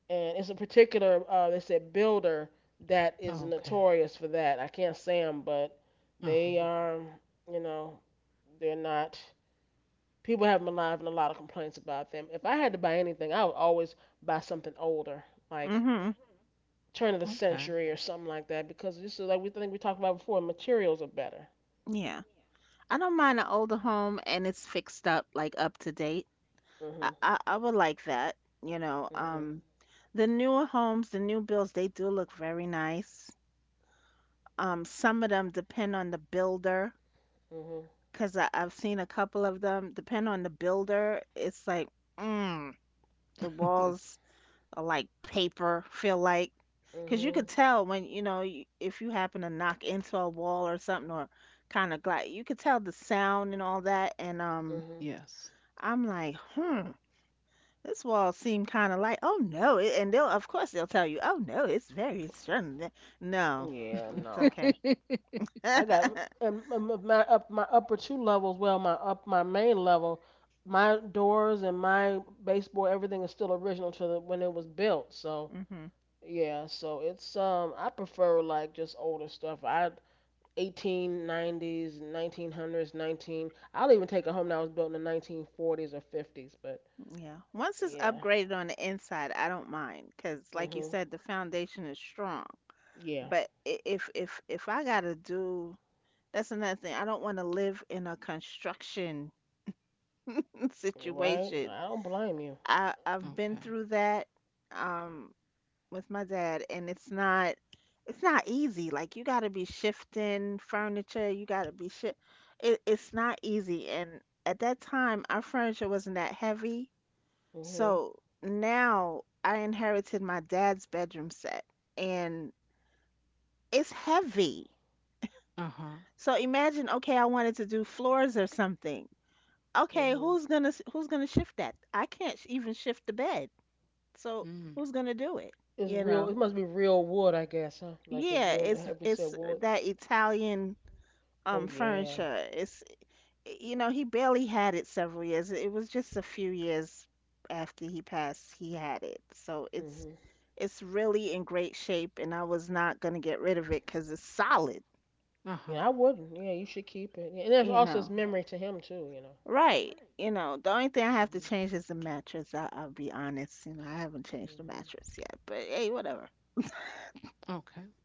Speaker 1: and it's a particular, they said, builder that is
Speaker 3: Oh, okay.
Speaker 1: notorious for that. I can't say them, but they
Speaker 3: Uh-huh.
Speaker 1: um, you know, they're not people have been alive and a lot of complaints about them. If I had to buy anything, I would always buy something older, like
Speaker 2: Mhm.
Speaker 1: turn of the
Speaker 3: Okay.
Speaker 1: century or something like that, because just like we talked about before, materials are better.
Speaker 2: Yeah. I don't mind an older home and it's fixed up, like up to date.
Speaker 1: Mhm.
Speaker 2: I would like that, you know.
Speaker 1: Mhm.
Speaker 2: Um, the newer homes, the new builds, they do look very nice. Some of them depend on the builder,
Speaker 1: Mhm.
Speaker 2: because I've seen a couple of them depend on the builder. It's like, mm, the
Speaker 3: (laughs)
Speaker 2: walls are like paper, feel like. Because you could
Speaker 1: Mhm.
Speaker 2: tell when, you, if you happen to knock into a wall or something, or kind of glide, you could tell the sound and all that. And,
Speaker 1: Mhm.
Speaker 3: Yes.
Speaker 2: I'm like, this wall seemed kind of light. Oh no, and they'll, of course, they'll tell you, oh no, it's very strong. No,
Speaker 1: Yeah,
Speaker 2: it's
Speaker 3: (laughs)
Speaker 1: no.
Speaker 2: okay.
Speaker 3: Okay.
Speaker 2: (laughs)
Speaker 1: I got and my up my upper two levels, well, my main level, my doors and my baseboard, everything is still original to the when it was built. So
Speaker 2: Hmm.
Speaker 1: yeah, so it's I prefer like just older stuff. I 1890s, 1900s, 19. hundreds, nineteen. I'll even take a home that was built in the 1940s or 50s. But
Speaker 2: Yeah. Once it's
Speaker 1: yeah,
Speaker 2: upgraded on the inside, I don't mind because, like you
Speaker 1: mhm,
Speaker 2: said, the foundation is strong.
Speaker 1: yeah,
Speaker 2: But if I gotta do, that's another thing. I don't want to live in a construction (laughs)
Speaker 1: right.
Speaker 2: situation.
Speaker 1: I don't blame you.
Speaker 2: I've been through that. Um, with my dad, and it's not easy. Like, you got to be shifting furniture, you got to be shi it, it's not easy, and at that time our furniture wasn't that heavy.
Speaker 1: Mhm,
Speaker 2: So now I inherited my dad's bedroom set, and it's heavy.
Speaker 3: Uh-huh.
Speaker 2: So imagine, okay, I wanted to do floors or something. Okay,
Speaker 1: mhm.
Speaker 2: who's gonna shift that? I can't even shift the bed. So
Speaker 3: Mm.
Speaker 2: who's gonna do it?
Speaker 1: It's
Speaker 2: You
Speaker 1: real.
Speaker 2: know?
Speaker 1: It must be real wood, I guess, huh? Like the
Speaker 2: Yeah,
Speaker 1: real
Speaker 2: it's
Speaker 1: heavy set
Speaker 2: it's
Speaker 1: wood.
Speaker 2: that Italian
Speaker 1: Oh yeah.
Speaker 2: furniture. It's, he barely had it several years. It was just a few years after he passed, he had it. So it's
Speaker 1: Mhm.
Speaker 2: it's really in great shape, and I was not gonna get rid of it because it's solid,
Speaker 3: Uh-huh.
Speaker 1: Yeah, I wouldn't. Yeah, you should keep it. Yeah, and that's
Speaker 2: you
Speaker 1: also it's
Speaker 2: know.
Speaker 1: memory to him too.
Speaker 2: Right. The only thing I have to
Speaker 1: Mhm.
Speaker 2: change is the mattress. I'll be honest, I haven't changed the
Speaker 1: Mhm.
Speaker 2: mattress yet, but hey, whatever.
Speaker 3: Okay.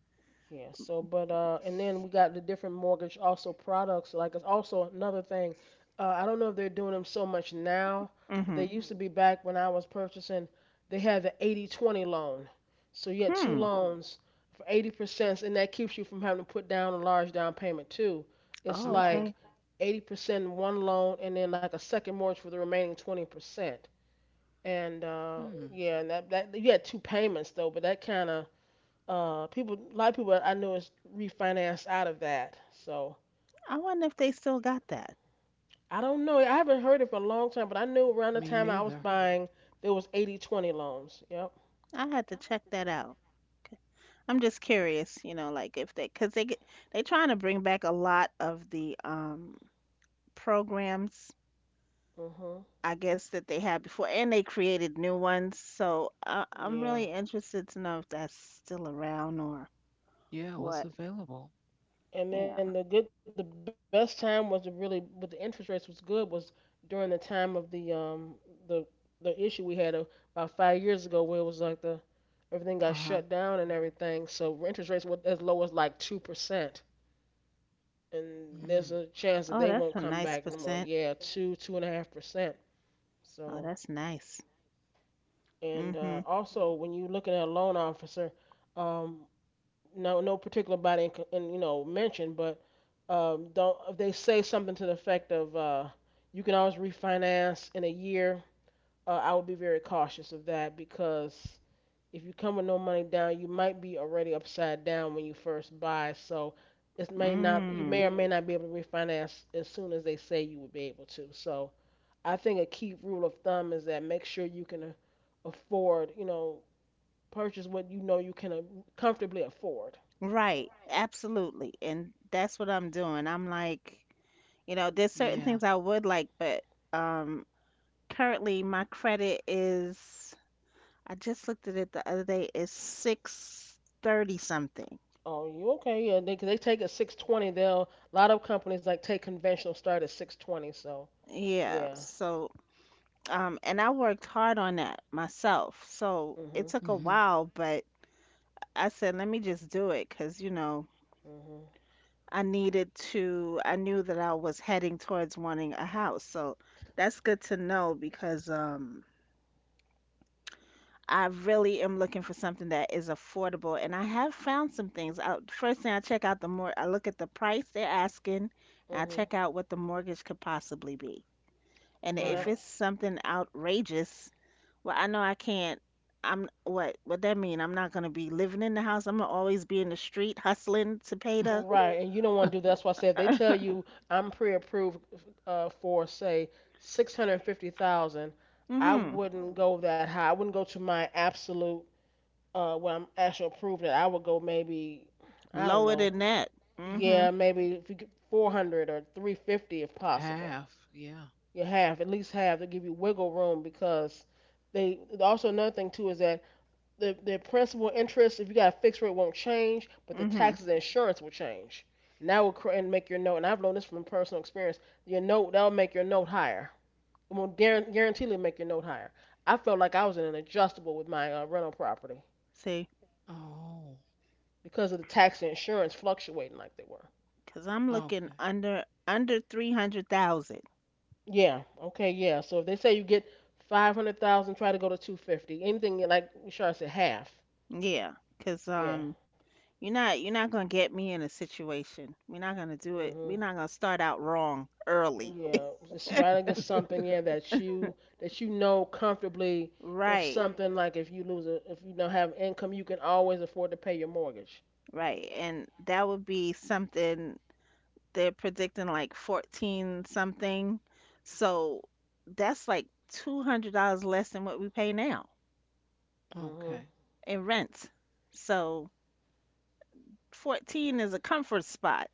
Speaker 1: Yeah, so but and then we got the different mortgage also products. Like it's also another thing. I don't know if they're doing them so much now, but
Speaker 2: Mm-hmm.
Speaker 1: they used to be back when I was purchasing. They had the 80/20 loan. So you had two
Speaker 2: Hmm.
Speaker 1: loans for 80%, and that keeps you from having to put down a large down payment too. It's
Speaker 2: Oh,
Speaker 3: Okay.
Speaker 1: like
Speaker 2: okay.
Speaker 1: 80% in one loan and then like a second mortgage for the remaining 20%. And
Speaker 3: Mm.
Speaker 1: yeah, and that you had two payments though, but that kind of people, a lot of people I know is refinanced out of that. So
Speaker 2: I wonder if they still got that.
Speaker 1: I don't know. I haven't heard it for a long time, but I knew around the
Speaker 3: Me
Speaker 1: time I was
Speaker 3: neither.
Speaker 1: buying, there was 80/20 loans. Yep.
Speaker 2: I had to check that out. I'm just curious, like, if they, cause they trying to bring back a lot of the programs,
Speaker 1: Mhm.
Speaker 2: I guess, that they had before, and they created new ones. So I'm
Speaker 1: Yeah.
Speaker 2: really interested to know if that's still around or
Speaker 3: Yeah,
Speaker 2: what.
Speaker 3: what's available?
Speaker 2: Yeah.
Speaker 1: And then the best time was to really, but the interest rates was good was during the time of the the issue we had about 5 years ago, where it was like the everything got
Speaker 3: Uh-huh.
Speaker 1: shut down and everything. So interest rates were as low as like 2%, and there's
Speaker 3: Mm.
Speaker 1: a chance that
Speaker 2: Oh,
Speaker 1: they
Speaker 2: that's
Speaker 1: won't
Speaker 2: a
Speaker 1: come
Speaker 2: nice
Speaker 1: back no more.
Speaker 2: percent.
Speaker 1: Yeah, 2.5%.
Speaker 2: Oh,
Speaker 1: So,
Speaker 2: that's nice.
Speaker 1: and
Speaker 2: Mm-hmm.
Speaker 1: also when you're looking at a loan officer, um, no, no particular body and you know mentioned, but don't, if they say something to the effect of you can always refinance in a year. I would be very cautious of that because if you come with no money down, you might be already upside down when you first buy. So it may not, you
Speaker 2: Mm.
Speaker 1: may or may not be able to refinance as soon as they say you would be able to. So I think a key rule of thumb is that make sure you can afford, you know, purchase what you know you can comfortably afford.
Speaker 2: Right. Absolutely. And that's what I'm doing. I'm like, there's certain things
Speaker 3: Yeah.
Speaker 2: I would like, but, um, currently my credit is. I just looked at it the other day. It's 630 something.
Speaker 1: Oh, you okay? Yeah, they take a 620. They'll, a lot of companies like take conventional start at 620. So
Speaker 2: Yeah.
Speaker 1: yeah.
Speaker 2: So, and I worked hard on that myself. So it
Speaker 1: Mhm.
Speaker 2: took a
Speaker 3: Mm-hmm.
Speaker 2: while, but I said, let me just do it, because,
Speaker 1: Mhm.
Speaker 2: I needed to, I knew that I was heading towards wanting a house. So that's good to know, because, I really am looking for something that is affordable, and I have found some things. First thing I check out, the more I look at the price they're asking, and I
Speaker 1: Mhm.
Speaker 2: check out what the mortgage could possibly be. And
Speaker 1: And
Speaker 2: if
Speaker 1: I
Speaker 3: Right.
Speaker 2: it's something outrageous, well, I know I can't. I'm, what that mean? I'm not gonna be living in the house. I'm gonna always be in the street hustling to pay the.
Speaker 1: Right, and you don't want to do that.
Speaker 3: (laughs)
Speaker 1: That's why I said if they tell
Speaker 2: (laughs)
Speaker 1: you I'm pre-approved for say 650,000, I
Speaker 2: Mm-hmm.
Speaker 1: wouldn't go that high. I wouldn't go to my absolute what I'm actually approved at. I would go maybe I don't
Speaker 2: Lower
Speaker 1: know.
Speaker 2: than that. Mm-hmm.
Speaker 1: Yeah, maybe 400 or 350 if possible.
Speaker 3: Half. Yeah.
Speaker 1: You have at least have to give you wiggle room, because they also another thing too is that the principal interest, if you got a fixed rate, won't change, but the
Speaker 2: Mm-hmm.
Speaker 1: taxes and insurance will change. And that will cr- and make your note. And I've known this from personal experience. Your note, that'll make your note higher. It will guaranteedly make your note higher. I felt like I was in an adjustable with my rental property
Speaker 2: See,
Speaker 3: Oh.
Speaker 1: because of the tax and insurance fluctuating like they were.
Speaker 2: cause I'm looking
Speaker 3: Okay.
Speaker 2: under 300,000.
Speaker 1: Yeah. Okay. Yeah. So if they say you get 500,000, try to go to 250. Anything like Shar said, half.
Speaker 2: Yeah, cause
Speaker 1: Yeah.
Speaker 2: you're not you're not gonna get me in a situation. We're not gonna do it. We're
Speaker 1: Hmm.
Speaker 2: not gonna start out wrong early.
Speaker 1: Yeah, astragalus something, yeah,
Speaker 3: (laughs)
Speaker 1: that you know comfortably, if
Speaker 2: Right,
Speaker 1: something, like if you lose a, if you don't have income, you can always afford to pay your mortgage.
Speaker 2: right. And that would be something they're predicting like 14 something. So that's like $200 less than what we pay now
Speaker 1: Hmm.
Speaker 3: Okay.
Speaker 2: in rent. So 14 is a comfort spot.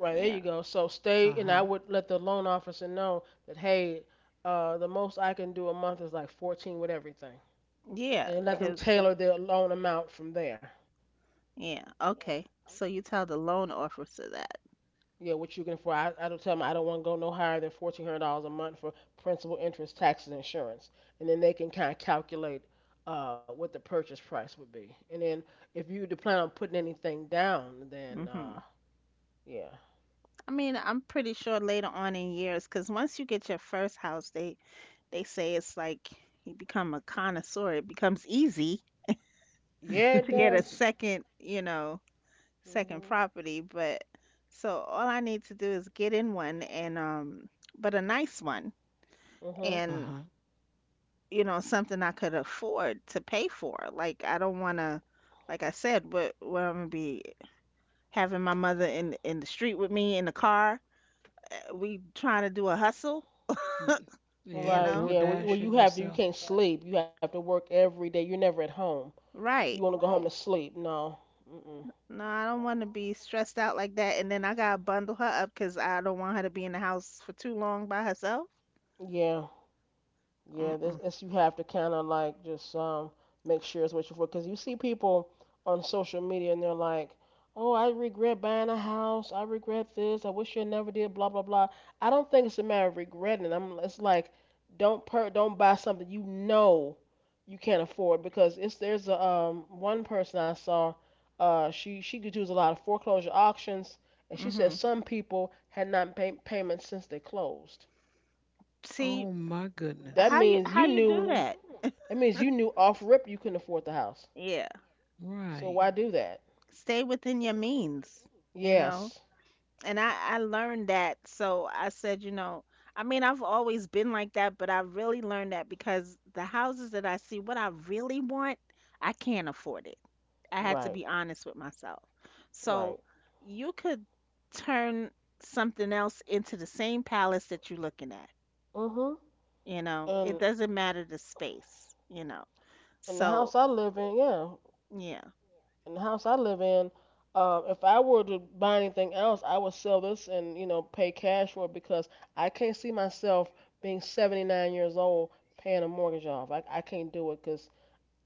Speaker 1: Right, there
Speaker 2: Yeah.
Speaker 1: you go. So stay, and I
Speaker 3: Uh-huh.
Speaker 1: would let the loan officer know that, hey, the most I can do a month is like 14 with everything,
Speaker 2: Yeah,
Speaker 1: and let them
Speaker 2: 'cause
Speaker 1: tailor their loan amount from there.
Speaker 2: yeah, okay. So you tell the loan officer that.
Speaker 1: Yeah, what you can for. I don't tell them I don't want to go no higher than $1,400 a month for principal, interest, taxes, and insurance, and then they can kind of calculate what the purchase price would be. And then if you plan on putting anything down, then
Speaker 2: hmm
Speaker 1: yeah,
Speaker 2: I mean, I'm pretty sure later on in years, because once you get your first house, they say it's like you become a connoisseur. It becomes easy
Speaker 1: yeah, it
Speaker 2: to get
Speaker 3: (laughs)
Speaker 2: a
Speaker 1: does.
Speaker 2: second, second
Speaker 1: Mhm.
Speaker 2: property. But so all I need to do is get in one and but a nice one,
Speaker 1: Mhm.
Speaker 2: and
Speaker 3: Uh-huh.
Speaker 2: something I could afford to pay for. Like I don't want to, like I said, what I'm gonna be having my mother in the street with me in the car. We trying to do a hustle,
Speaker 3: Mm.
Speaker 2: you
Speaker 3: Yeah,
Speaker 1: Right.
Speaker 2: know.
Speaker 3: door
Speaker 1: Yeah. Well, well, you
Speaker 3: dashing
Speaker 1: have to. You
Speaker 3: yourself.
Speaker 1: can't sleep. You have to work every day. You're never at home. You want to
Speaker 2: Right.
Speaker 1: go home to sleep? No. Mm-mm.
Speaker 2: No, I don't want to be stressed out like that. And then I gotta bundle her up because I don't want her to be in the house for too long by herself.
Speaker 1: Yeah. Yeah, this
Speaker 2: Mm-mm.
Speaker 1: it's, you have to kind of like just make sure it's what you're for, because you see people on social media and they're like, "Oh, I regret buying a house. I regret this. I wish I never did." Blah blah blah. I don't think it's a matter of regretting. I'm. It's like don't buy something you know you can't afford, because it's, there's a one person I saw. She could use a lot of foreclosure auctions, and she said
Speaker 2: Mm-hmm.
Speaker 1: some people had not paid payments since they closed.
Speaker 2: See
Speaker 3: Oh my
Speaker 1: That
Speaker 2: how
Speaker 3: goodness.
Speaker 2: you
Speaker 1: means
Speaker 2: how
Speaker 1: you
Speaker 2: you do
Speaker 1: knew.
Speaker 2: that?
Speaker 1: That means you knew off rip you couldn't afford the house.
Speaker 2: Yeah.
Speaker 1: So
Speaker 3: Right.
Speaker 1: why do that?
Speaker 2: Stay within your means, you
Speaker 1: Yes.
Speaker 2: know. And I learned that, so I said, I mean, I've always been like that, but I really learned that because the houses that I see, what I really want, I can't afford it. I had to
Speaker 1: Right.
Speaker 2: be honest with myself. So
Speaker 1: Right.
Speaker 2: you could turn something else into the same palace that you're looking at.
Speaker 1: Mhm.
Speaker 2: You know, it
Speaker 1: And
Speaker 2: doesn't matter the space.
Speaker 1: in the
Speaker 2: So,
Speaker 1: house I live in, yeah,
Speaker 2: yeah,
Speaker 1: in the house I live in, if I were to buy anything else, I would sell this and you know pay cash for it, because I can't see myself being 79 years old paying a mortgage off. I can't do it because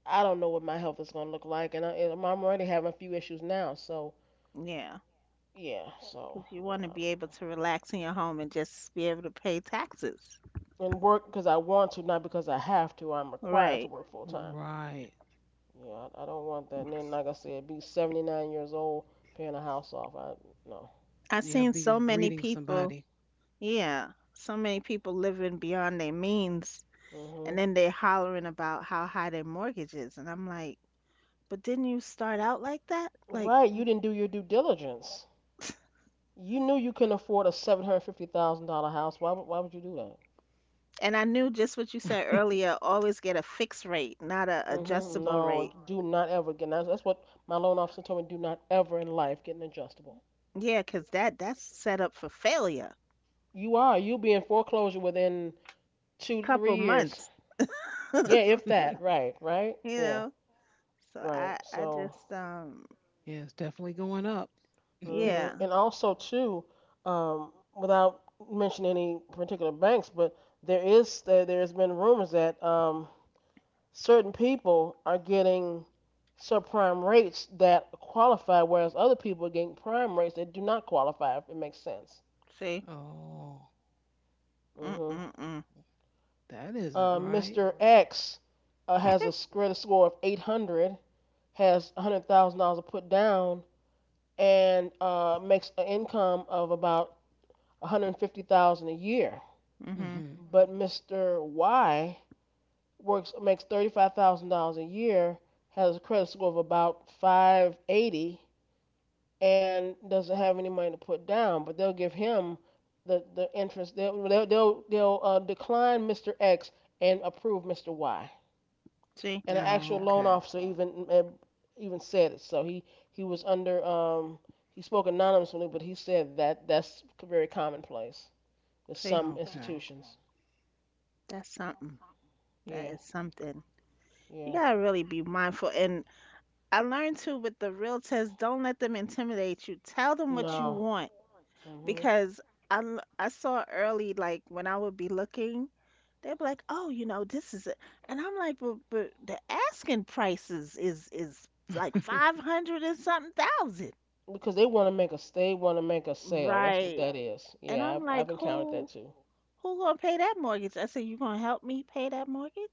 Speaker 1: I don't know what my health is gonna look like, and I'm already having a few issues now. So
Speaker 2: yeah.
Speaker 1: yeah. So
Speaker 2: Because you want to
Speaker 1: yeah.
Speaker 2: be able to relax in your home and just be able to pay taxes.
Speaker 1: And work because I want to, not because I have to. I'm required to
Speaker 2: Right.
Speaker 1: work full time.
Speaker 3: Right.
Speaker 1: Yeah, I don't want that. And then, like I said, be 79 years old paying a house off. I no.
Speaker 2: I've
Speaker 3: Yeah,
Speaker 2: seen
Speaker 3: be
Speaker 2: so many
Speaker 3: greeting
Speaker 2: people,
Speaker 3: somebody.
Speaker 2: yeah, so many people living beyond their means. And
Speaker 1: Hmm.
Speaker 2: then they hollering about how high their mortgage is. And I'm like, but didn't you start out like that? Like,
Speaker 1: Right, you didn't do your due diligence. You knew you couldn't afford a $750,000 house. Why would, why would you do that?
Speaker 2: and I knew just what you said earlier, always get a fixed rate, not a
Speaker 1: Hmm.
Speaker 2: adjustable
Speaker 1: No,
Speaker 2: rate.
Speaker 1: do not ever get. That's what my loan officer told me. Do not ever in life get an adjustable.
Speaker 2: Yeah, 'cause that's set up for failure.
Speaker 1: You are. You'll be in foreclosure within two to three
Speaker 2: Couple
Speaker 1: years.
Speaker 2: months,
Speaker 1: Yeah, if
Speaker 3: (laughs)
Speaker 1: that. Right. Right.
Speaker 2: you
Speaker 1: Yeah.
Speaker 2: know. So
Speaker 1: Right.
Speaker 2: I
Speaker 1: So
Speaker 2: just
Speaker 3: Yeah, it's definitely going up.
Speaker 1: hmm.
Speaker 2: yeah,
Speaker 1: And also too, without mentioning any particular banks, but there there's been rumors that certain people are getting subprime rates that qualify, whereas other people are getting prime rates that do not qualify, if it makes sense.
Speaker 2: see.
Speaker 3: Oh,
Speaker 2: Mm
Speaker 1: Hmm.
Speaker 2: mm mm.
Speaker 3: that isn't right.
Speaker 1: Mr. X has a credit score of 800, has $100,000 to put down, and makes an income of about 150,000 a year.
Speaker 2: Mhm.
Speaker 3: Mm-hmm.
Speaker 1: But Mr. Y works makes $35,000 a year, has a credit score of about 580, and doesn't have any money to put down. But they'll give him the interest. They'll decline Mr. X and approve Mr. Y.
Speaker 2: See?
Speaker 1: And an
Speaker 3: Oh,
Speaker 1: actual loan
Speaker 3: okay.
Speaker 1: officer even even said it. So he was under he spoke anonymously, but he said that that's very commonplace with
Speaker 2: See?
Speaker 1: some institutions.
Speaker 2: That's something. That
Speaker 1: Yeah,
Speaker 2: is something. You
Speaker 1: yeah.
Speaker 2: got to really be mindful, and I learned too with the realtors, don't let them intimidate you. Tell them what you
Speaker 1: No.
Speaker 2: want,
Speaker 1: Hmm.
Speaker 2: because I saw early, like when I would be looking. They'll be like, "Oh, you know, this is it," and I'm like, "But the asking prices is like
Speaker 3: Okay.
Speaker 2: 500 and something thousand,
Speaker 1: Because they want to make a, they want to make a sale. That's what
Speaker 2: right?"
Speaker 1: that is.
Speaker 2: And
Speaker 1: Yeah,
Speaker 2: I'm like,
Speaker 1: I've encountered that
Speaker 2: "Who
Speaker 1: too.
Speaker 2: who gonna pay that mortgage?" I said, "You gonna help me pay that mortgage?"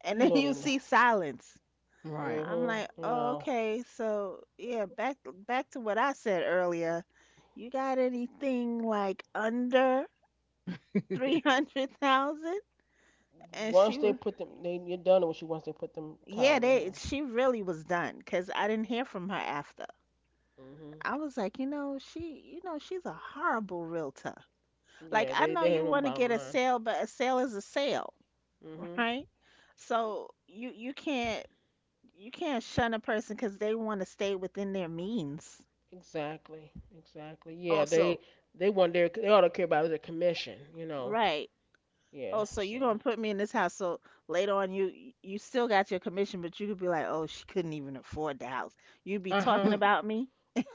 Speaker 2: And
Speaker 1: You
Speaker 2: then (laughs)
Speaker 1: know
Speaker 2: you
Speaker 1: they know.
Speaker 2: see silence.
Speaker 3: (laughs) Right.
Speaker 2: I'm
Speaker 1: Hmm.
Speaker 2: like, "Oh,
Speaker 1: No.
Speaker 2: okay, so yeah, back to what I said earlier. You got anything like under three
Speaker 3: (laughs)
Speaker 2: hundred thousand? And
Speaker 1: Once
Speaker 2: she
Speaker 1: they
Speaker 2: was...
Speaker 1: put them, they, you're done with you. Once they put them title
Speaker 2: Yeah,
Speaker 1: in your
Speaker 2: they
Speaker 1: hands.
Speaker 2: she really was done, because I didn't hear from her after.
Speaker 1: Hmm.
Speaker 2: I was like, you know, she's a horrible realtor. Like,
Speaker 1: Yeah,
Speaker 2: I know
Speaker 1: they
Speaker 2: you
Speaker 1: have them
Speaker 2: want to get
Speaker 1: bottom
Speaker 2: a
Speaker 1: line.
Speaker 2: sale, but a sale is a sale,
Speaker 1: Hmm.
Speaker 2: right? So you can't shun a person because they want to stay within their means.
Speaker 1: Exactly. Exactly. Yeah,
Speaker 2: Also,
Speaker 1: they want their they ought to care about is their commission. You know.
Speaker 2: right.
Speaker 1: Yeah.
Speaker 2: Oh, so
Speaker 1: So.
Speaker 2: you're gonna put me in this house. So later on, you still got your commission, but you could be like, oh, she couldn't even afford the house. You'd be
Speaker 1: Uh
Speaker 2: talking
Speaker 1: huh.
Speaker 2: about me,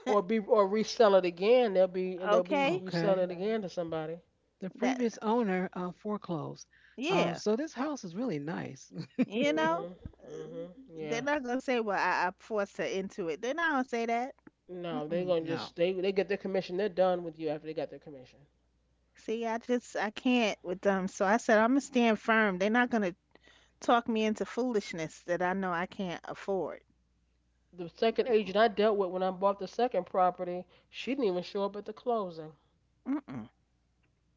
Speaker 1: Or be or resell it again. They'll be,
Speaker 2: okay?
Speaker 3: Okay.
Speaker 1: reselling it again to somebody.
Speaker 3: The
Speaker 2: That.
Speaker 3: previous owner foreclosed.
Speaker 2: Yeah.
Speaker 3: So this house is really nice.
Speaker 2: You know.
Speaker 1: Mhm.
Speaker 2: Uh,
Speaker 1: Mhm.
Speaker 2: they're
Speaker 1: Yeah.
Speaker 2: not gonna say, "Well, I forced her into it." They're not gonna say that.
Speaker 1: No, they
Speaker 3: (laughs)
Speaker 2: Mm-mm.
Speaker 1: gonna
Speaker 3: No,
Speaker 1: just they get their commission. They're done with you after they got their commission.
Speaker 2: See, I can't with them. So I said, "I'm gonna stand firm." They're not gonna talk me into foolishness that I know I can't afford.
Speaker 1: The second agent I dealt with when I bought the second property, she didn't even show up at the closing.
Speaker 2: Mm-mm.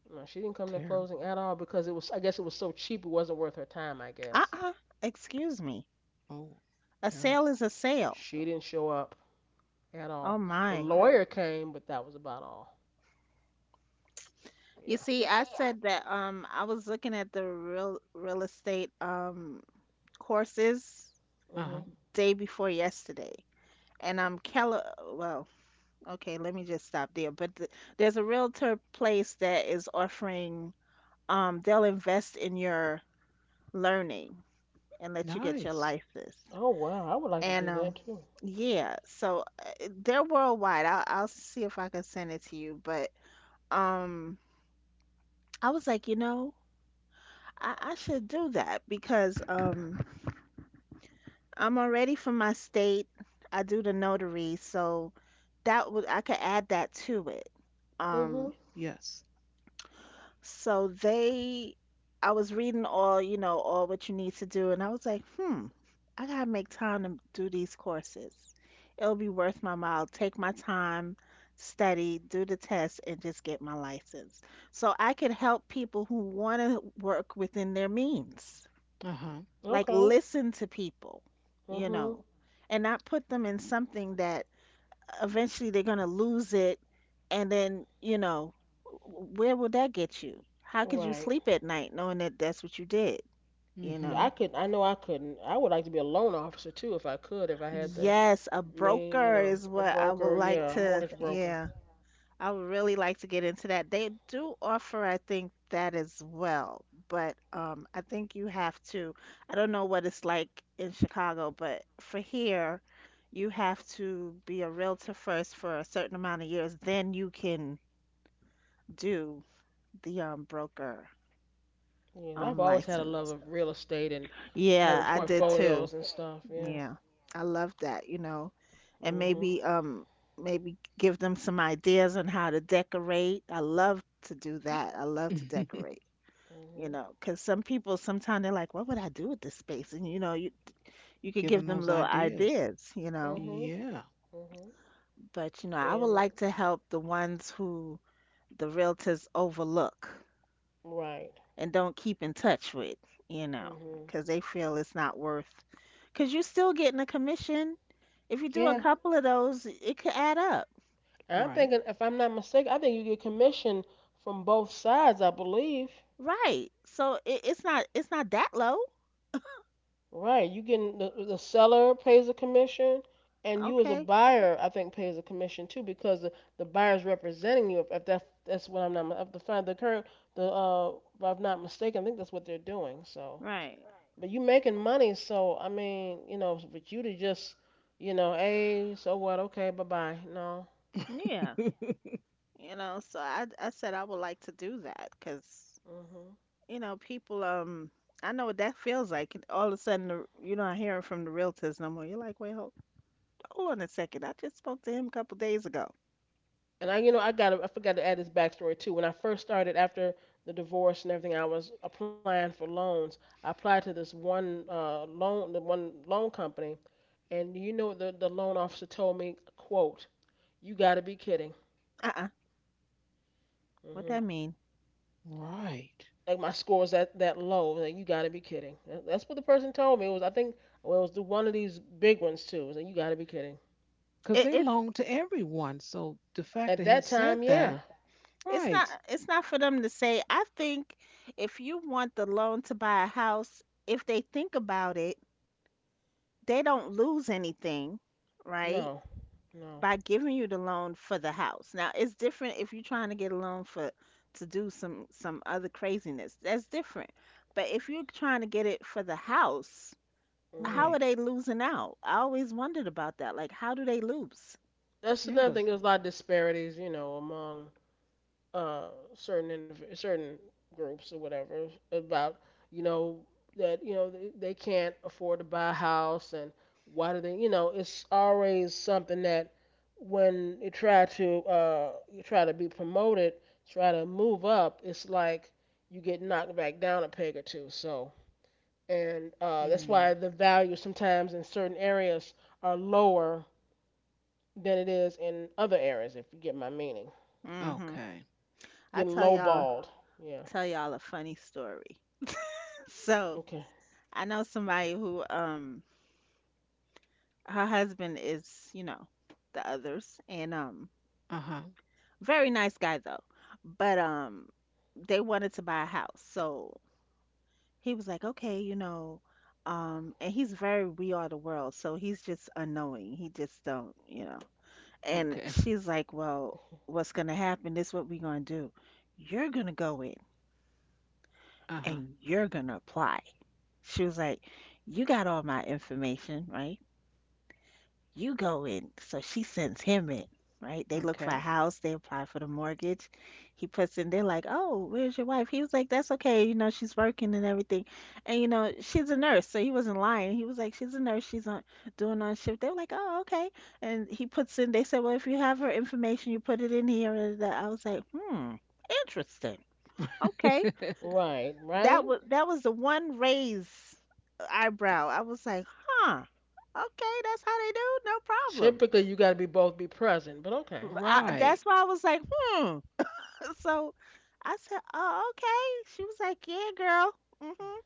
Speaker 1: No, she didn't come to the closing
Speaker 3: terrible.
Speaker 1: at all, because it was, I guess it was so cheap it wasn't worth her time, I guess.
Speaker 2: Uh-uh. Excuse me.
Speaker 3: Oh,
Speaker 2: A sale
Speaker 3: terrible.
Speaker 2: is a sale.
Speaker 1: She didn't show up at
Speaker 2: Oh
Speaker 1: all. The
Speaker 2: my.
Speaker 1: lawyer came, but that was about all.
Speaker 2: You
Speaker 1: Yeah.
Speaker 2: see, I said that I was looking at the real estate courses
Speaker 3: Uh huh.
Speaker 1: Mhm.
Speaker 2: day before yesterday. And Keller well, okay, let me just stop there. But th there's a realtor place that is offering, they'll invest in your learning and let you get your
Speaker 3: Nice.
Speaker 2: license.
Speaker 1: Oh wow, I would like to
Speaker 2: And
Speaker 1: do that too.
Speaker 2: yeah, so they're worldwide. I'll see if I can send it to you. But um, I was like, you know, I should do that, because I'm already from my state. I do the notary, so that would I could add that to it.
Speaker 1: Mhm.
Speaker 2: Um.
Speaker 3: Yes.
Speaker 2: So I was reading all, all what you need to do, and I was like, I gotta make time to do these courses. It'll be worth my while. Take my time, study, do the test, and just get my license. So I could help people who want to work within their means.
Speaker 3: Uh huh.
Speaker 2: Like
Speaker 1: Okay.
Speaker 2: listen to people, you
Speaker 1: Mhm.
Speaker 2: know, and not put them in something that eventually they're going to lose it. And then where will that get you? How could you
Speaker 1: Right.
Speaker 2: sleep at night knowing that that's what you did you
Speaker 1: Yeah,
Speaker 2: know
Speaker 1: I
Speaker 3: Mm
Speaker 1: could. I know I couldn't. I would like to be a loan officer too if I could. If I had the
Speaker 2: yes, a
Speaker 1: you
Speaker 2: broker
Speaker 1: know,
Speaker 2: is
Speaker 1: a
Speaker 2: what I would
Speaker 1: broker,
Speaker 2: like
Speaker 1: yeah, a
Speaker 2: to.
Speaker 1: mortgage broker.
Speaker 2: Yeah, I would really like to get into that. They do offer, I think, that as well, but I think you have to, I don't know what it's like in Chicago, but for here you have to be a realtor first for a certain amount of years, then you can do the broker
Speaker 1: Yeah, I've always had a love
Speaker 2: license.
Speaker 1: of real estate and having
Speaker 2: Yeah, I did too.
Speaker 1: portfolios and stuff. Yeah.
Speaker 2: Yeah. I love that. And
Speaker 1: Mhm.
Speaker 2: maybe maybe give them some ideas on how to decorate. I love to do that. I love to
Speaker 3: hmm. (laughs)
Speaker 2: decorate. You
Speaker 1: Mhm.
Speaker 2: know, 'cause some people sometimes they're like, "What would I do with this space?" And you could give
Speaker 3: Given
Speaker 2: them
Speaker 3: those
Speaker 2: little
Speaker 3: ideas.
Speaker 2: ideas.
Speaker 1: Mhm.
Speaker 3: Yeah.
Speaker 1: Mhm.
Speaker 2: But I would
Speaker 1: And
Speaker 2: like to help the ones who the realtors overlook
Speaker 1: right.
Speaker 2: and don't keep in touch with, you know,
Speaker 1: Mhm.
Speaker 2: because they feel it's not worth. Because you're still getting a commission. If you do a
Speaker 1: Yeah.
Speaker 2: couple of those, it could add up,
Speaker 1: And I'm
Speaker 3: Right.
Speaker 1: thinking, if I'm not mistaken, I think you get commission from both sides. I believe.
Speaker 2: right? So it's not that low,
Speaker 1: Right. You getting the seller pays a commission, and you as a
Speaker 2: okay?
Speaker 1: buyer, I think, pays a commission too, because the buyer's representing you. If that, that's what, I'm not if the the current the if I'm not mistaken, I think that's what they're doing. So,
Speaker 2: Right?
Speaker 1: but you making money, so I mean, you know, but you to just, you know, hey, so what? Okay, bye bye. No.
Speaker 2: Yeah,
Speaker 3: (laughs)
Speaker 2: you know. So I said I would like to do that because
Speaker 1: Mhm.
Speaker 2: you know people. I know what that feels like. And all of a sudden, you're not hearing from the realtors no more. You're like, wait, hold on a second. I just spoke to him a couple days ago.
Speaker 1: And you know, I forgot to add this backstory too. When I first started after the divorce and everything, I was applying for loans. I applied to this one loan, the one loan company, and you know, what the loan officer told me, "quote, you got to be kidding."
Speaker 2: Uh-uh. What
Speaker 1: Hmm.
Speaker 2: that mean?
Speaker 3: Right.
Speaker 1: Like my score is that low. Like you got to be kidding. That's what the person told me. It was, I think, well, it was the one of these big ones too. It was like you got to be kidding.
Speaker 3: Because
Speaker 2: It,
Speaker 3: they
Speaker 2: it's
Speaker 3: loan to everyone. So the fact
Speaker 1: At
Speaker 3: that he
Speaker 1: that
Speaker 3: said
Speaker 1: time,
Speaker 3: that,
Speaker 1: yeah,
Speaker 2: it's
Speaker 3: right,
Speaker 2: not it's not for them to say, I think. If you want the loan to buy a house, if they think about it, they don't lose anything, right,
Speaker 1: no, no.
Speaker 2: by giving you the loan for the house. Now it's different if you're trying to get a loan for to do some other craziness, that's different. But if you're trying to get it for the house, how are
Speaker 1: Hmm.
Speaker 3: right.
Speaker 2: they losing out? I always wondered about that. Like, how do they lose?
Speaker 1: That's
Speaker 3: Yeah,
Speaker 1: another
Speaker 3: goes,
Speaker 1: thing. There's a lot of disparities, you know, among uh, certain groups or whatever about, you know, that, you know, they can't afford to buy a house. And why do they, you know, it's always something that when you try to be promoted, try to move up, it's like you get knocked back down a peg or two. So, and that's
Speaker 3: mm,
Speaker 1: why the values sometimes in certain areas are lower than it is in other areas, if you get my meaning.
Speaker 2: Mhm.
Speaker 3: okay.
Speaker 2: I
Speaker 1: Getting
Speaker 2: tell y'all,
Speaker 1: lowballed, yeah.
Speaker 2: a funny story. (laughs) So
Speaker 1: Okay.
Speaker 2: I know somebody who her husband is, you know, the others, and
Speaker 3: Uh huh.
Speaker 2: very nice guy though. But they wanted to buy a house. So he was like, "Okay, you know, and he's very we are the world." So he's just unknowing. He just don't. And
Speaker 3: Okay.
Speaker 2: she's like, "Well, what's going to happen? This what we going to do. You're going to go in
Speaker 3: Uh huh.
Speaker 2: and you're going to apply." She was like, "You got all my information, right?" You go in. So she sends him in, right? They look for a
Speaker 3: Okay.
Speaker 2: house, they apply for the mortgage. He puts in, they're like, "Oh, where's your wife?" He was like, "That's okay. You know, she's working and everything." And, you know, she's a nurse. So he wasn't lying. He was like, "She's a nurse. She's on doing on shift." They were like, "Oh, okay." And he puts in, they said, "Well, if you have her information, you put it in here." And I was like, "Hmm, interesting. Okay."
Speaker 3: (laughs)
Speaker 1: Right, right.
Speaker 2: That was the one raise eyebrow. I was like, "Huh. Okay, that's how they do. No problem."
Speaker 1: Typically, you got to be both be present, but okay.
Speaker 2: I,
Speaker 3: Right.
Speaker 2: that's why I was like, hmm. (laughs) So I said, oh, okay. She was like, yeah, girl. Mm-hmm.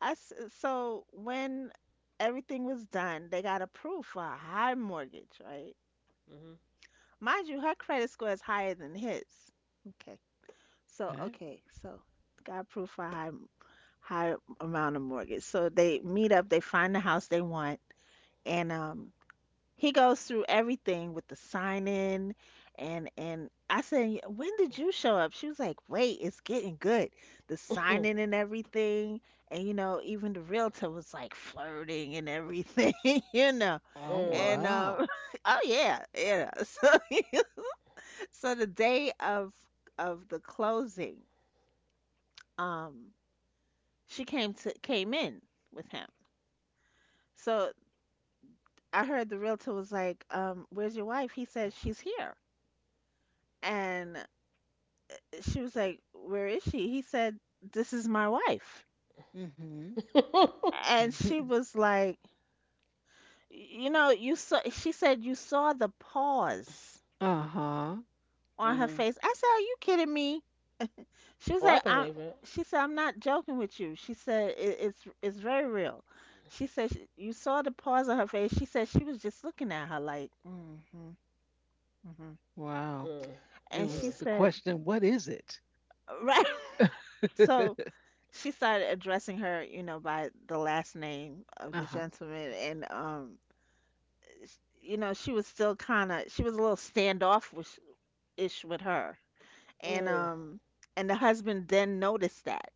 Speaker 2: I, s- so when everything was done, they got approved for a high mortgage, right?
Speaker 1: Mhm.
Speaker 2: Mind you, her credit score is higher than his. Okay. So,
Speaker 3: Okay.
Speaker 2: okay. So got approved for a high, high amount of mortgage. So they meet up, they find the house they want, and he goes through everything with the sign in, and I said, When did you show up?" She was like, "Wait, it's getting good. The sign
Speaker 1: Mhm.
Speaker 2: in and everything." And even the realtor was like flirting and everything. (laughs) you know.
Speaker 1: (laughs)
Speaker 3: Oh,
Speaker 1: Mm.
Speaker 2: And
Speaker 3: wow.
Speaker 2: (laughs) oh yeah, yeah. (laughs) So (laughs) so the day of the closing, um she came in with him. So I heard the realtor was like, "Where's your wife?" He said, "She's here." And she was like, "Where is she?" He said, "This is my wife."
Speaker 3: Mm-hmm.
Speaker 1: (laughs)
Speaker 2: And she
Speaker 3: (laughs)
Speaker 2: was like, "You know, you saw," she said, "You saw the pause
Speaker 3: Uh huh.
Speaker 2: on her
Speaker 1: mhm.
Speaker 2: face." I said, "Are you kidding me?" She was
Speaker 1: Oh, I
Speaker 2: like,
Speaker 1: believe it.
Speaker 2: she said, "I'm not joking with you." She said, "It's very real." She said, "You saw the pause on her face." She said, "She was just looking at her like, mm hmm, mm hmm."
Speaker 3: Wow.
Speaker 1: Mm.
Speaker 3: It
Speaker 2: And
Speaker 1: Mm.
Speaker 2: she
Speaker 3: was the
Speaker 2: said,
Speaker 3: question, what is it?
Speaker 2: (laughs) right.
Speaker 3: (laughs) Uh
Speaker 2: So, she started addressing her, you know, by the last name of the
Speaker 3: huh.
Speaker 2: gentleman, and you know, she was still kind of, she was a little standoffish-ish with her, and
Speaker 1: Mm.
Speaker 2: um, and the husband then noticed that,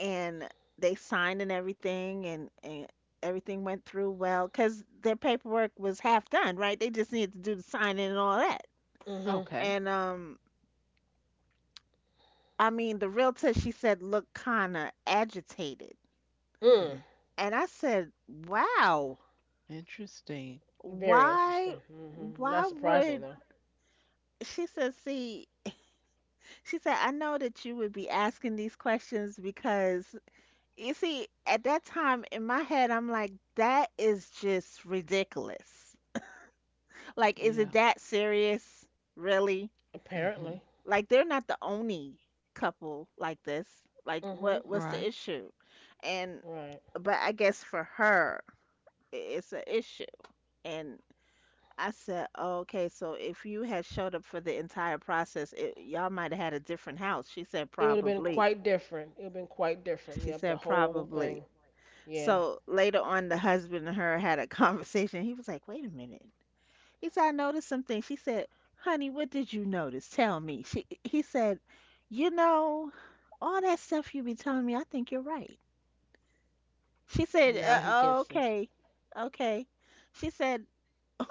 Speaker 2: and they signed and everything, and everything went through well, cause their paperwork was half done, right? They just needed to do the signing and all that,
Speaker 1: Mhm.
Speaker 3: Okay.
Speaker 2: and I mean, the realtor, she said, looked kind of agitated,
Speaker 1: Mm.
Speaker 3: Hmm.
Speaker 2: and I said, wow.
Speaker 3: Interesting.
Speaker 1: Very
Speaker 2: Why
Speaker 1: interesting. Mhm. Not surprising
Speaker 2: would
Speaker 1: though.
Speaker 2: she said, see, she said, "I know that you would be asking these questions because you see, at that time in my head, I'm like, that is just ridiculous. Like, is
Speaker 3: Yeah.
Speaker 2: it that serious? Really?
Speaker 3: Mm-hmm.
Speaker 1: Apparently.
Speaker 2: Like, they're not the only couple like this. Like,
Speaker 1: Mhm.
Speaker 2: what's the
Speaker 3: Right.
Speaker 2: issue?" And
Speaker 1: Right.
Speaker 2: but I guess for her, it's an issue. And I said, "Oh, okay, so if you had showed up for the entire process, it, y'all might have had a different house." She said,
Speaker 1: It would have been
Speaker 2: "Probably."
Speaker 1: quite different. It would have been quite different.
Speaker 2: She
Speaker 1: Yep, the
Speaker 2: said,
Speaker 1: whole thing.
Speaker 2: "Probably."
Speaker 1: Yeah.
Speaker 2: So later on, the husband and her had a (laughs) conversation. He was like, "Wait a minute." He said, "I noticed something." She said, "Honey, what did you notice? Tell me." He said, "You know, all that stuff you be telling me, I think you're right." She
Speaker 1: Well,
Speaker 2: said,
Speaker 1: now he gets it.
Speaker 2: "Okay, okay." She said, (laughs)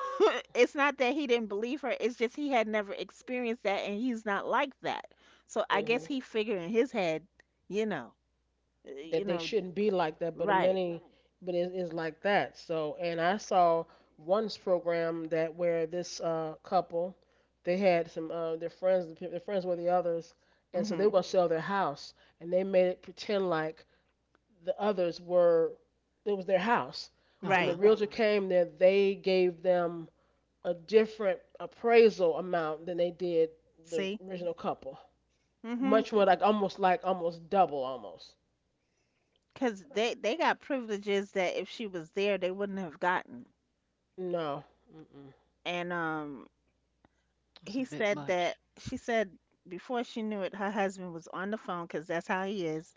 Speaker 2: it's not that he didn't believe her, it's just he had never experienced that and he's not like that. So I guess
Speaker 1: Mhm.
Speaker 2: he figured in his head, you know, you
Speaker 1: That they
Speaker 2: know,
Speaker 1: shouldn't be like that, but in
Speaker 2: right.
Speaker 1: many, but it is like that. So, and I saw one's program that where this couple, they had some their friends, the their friends were the others, and so they were
Speaker 2: Mhm.
Speaker 1: gonna sell their house, and they made it pretend like the others were, it was their house.
Speaker 3: Uh
Speaker 1: When the
Speaker 2: Right.
Speaker 3: huh.
Speaker 1: realtor came there, they gave them a different appraisal amount than they did the
Speaker 2: See?
Speaker 1: original couple.
Speaker 2: Because
Speaker 1: Much more, like almost, like almost double almost.
Speaker 2: they got privileges that if she was there, they wouldn't have gotten.
Speaker 1: No. Mm-mm.
Speaker 2: And
Speaker 3: That's
Speaker 2: he
Speaker 3: a bit
Speaker 2: said that
Speaker 3: much.
Speaker 2: she said before she knew it, her husband was on the phone because that's how he is,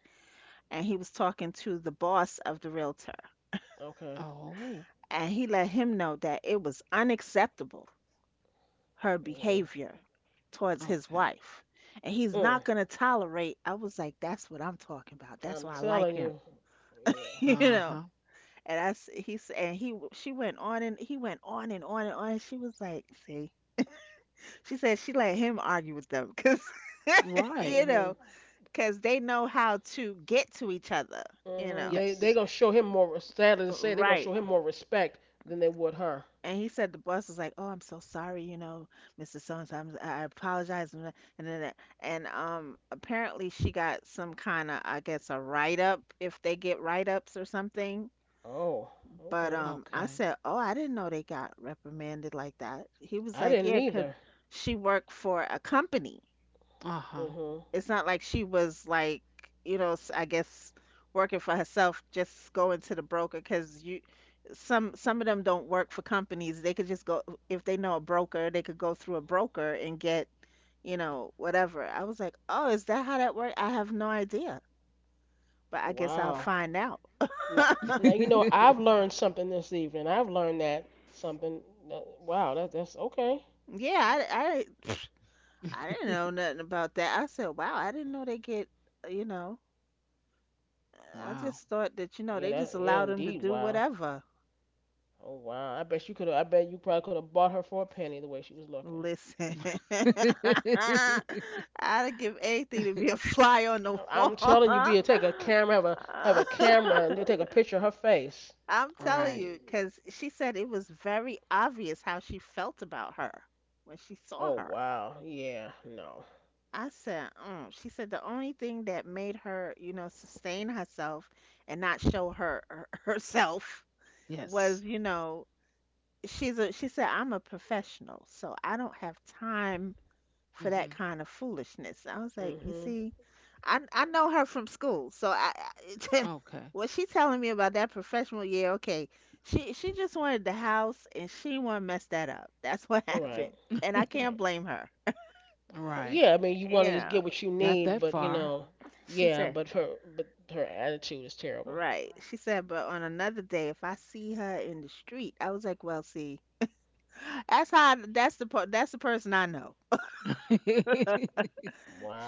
Speaker 2: and he was talking to the boss of the realtor.
Speaker 1: Okay.
Speaker 3: Oh,
Speaker 2: And he let him know that it was unacceptable her
Speaker 1: Mm.
Speaker 2: behavior towards his
Speaker 3: okay.
Speaker 2: wife. And he's
Speaker 1: Mm.
Speaker 2: not going to tolerate. I was like, "That's what I'm talking about. That's
Speaker 1: I'm
Speaker 2: why I like
Speaker 1: telling
Speaker 2: him."
Speaker 1: you.
Speaker 2: (laughs)
Speaker 1: Yeah.
Speaker 2: You
Speaker 3: Uh
Speaker 2: know.
Speaker 3: huh.
Speaker 2: And I s- he s- and he w- she went on and he went on and on and on. She was like, "See," she said she let him argue with them because (laughs)
Speaker 3: Right.
Speaker 2: you know
Speaker 1: Mhm.
Speaker 2: because they know how to get to each other. You
Speaker 1: Mhm.
Speaker 2: know,
Speaker 3: Yes.
Speaker 1: They gonna show him more. Sadly to say, they gonna show
Speaker 2: right?
Speaker 1: him more respect than they would her.
Speaker 2: And he said the boss was like, "Oh, I'm so sorry, you know, Mr. So and so. I apologize." And then, and apparently she got some kind of, I guess, a write up if they get write ups or something.
Speaker 1: Oh.
Speaker 2: But
Speaker 1: Okay.
Speaker 2: I
Speaker 3: Okay.
Speaker 2: said, "Oh, I didn't know they got reprimanded like that." He was
Speaker 1: I
Speaker 2: like,
Speaker 1: didn't
Speaker 2: "Yeah, 'cause
Speaker 1: either.
Speaker 2: she worked for a company."
Speaker 3: Uh huh.
Speaker 1: Mhm.
Speaker 2: It's not like she was like, you know, I guess working for herself, just going to the broker because you some of them don't work for companies. They could just go if they know a broker, they could go through a broker and get, you know, whatever. I was like, "Oh, is that how that works? I have no idea, but I guess I'll
Speaker 1: Wow.
Speaker 2: find out."
Speaker 1: Now, now you know I've
Speaker 3: (laughs)
Speaker 1: learned something this evening. I've learned that something. That, wow. That that's okay.
Speaker 2: Yeah, I didn't know nothing about that. I said, wow, I didn't know they get, you know, I
Speaker 3: Wow.
Speaker 2: just thought that, you know,
Speaker 1: Yeah.
Speaker 2: they
Speaker 1: That,
Speaker 2: just
Speaker 1: yeah.
Speaker 2: allowed them to
Speaker 1: Indeed.
Speaker 2: do
Speaker 1: Wow.
Speaker 2: whatever.
Speaker 1: Oh wow. I bet you could. I bet you probably could have bought her for a penny the way she was looking.
Speaker 2: Listen, (laughs)
Speaker 3: (laughs)
Speaker 2: I'd give anything to be a (laughs) fly on the
Speaker 1: I'm telling you,
Speaker 2: wall.
Speaker 1: Bill, take a camera, have a camera, and then take a picture of her face.
Speaker 2: (laughs) I'm telling
Speaker 3: Right.
Speaker 2: you, because she said it was very obvious how she felt about her when she saw
Speaker 1: Oh
Speaker 2: her.
Speaker 1: wow, yeah, no,
Speaker 2: I said, mm. She said the only thing that made her, you know, sustain herself and not show her, her (laughs) herself was,
Speaker 3: Yes.
Speaker 2: you know, she said, "I'm a professional, so I don't have time for that
Speaker 3: hmm
Speaker 2: kind of foolishness." I was like, you
Speaker 1: mhm,
Speaker 2: see, I know her from school, so I (laughs)
Speaker 3: Okay.
Speaker 2: what she telling me about that professional year? Okay, she just wanted the house and she want to mess that up. That's what (laughs) happened,
Speaker 1: right,
Speaker 2: and I can't
Speaker 1: right.
Speaker 2: blame her.
Speaker 3: (laughs) Right.
Speaker 1: Yeah, I mean, you want to just
Speaker 2: Yeah,
Speaker 1: get what you
Speaker 3: Got
Speaker 1: need,
Speaker 3: that
Speaker 1: but you
Speaker 3: far.
Speaker 1: know,
Speaker 2: she
Speaker 1: yeah,
Speaker 2: said.
Speaker 1: but her attitude is terrible.
Speaker 2: Right. She said, but on another day, if I see her in the street, I was like, well, see, that's the person I know.
Speaker 3: (laughs) You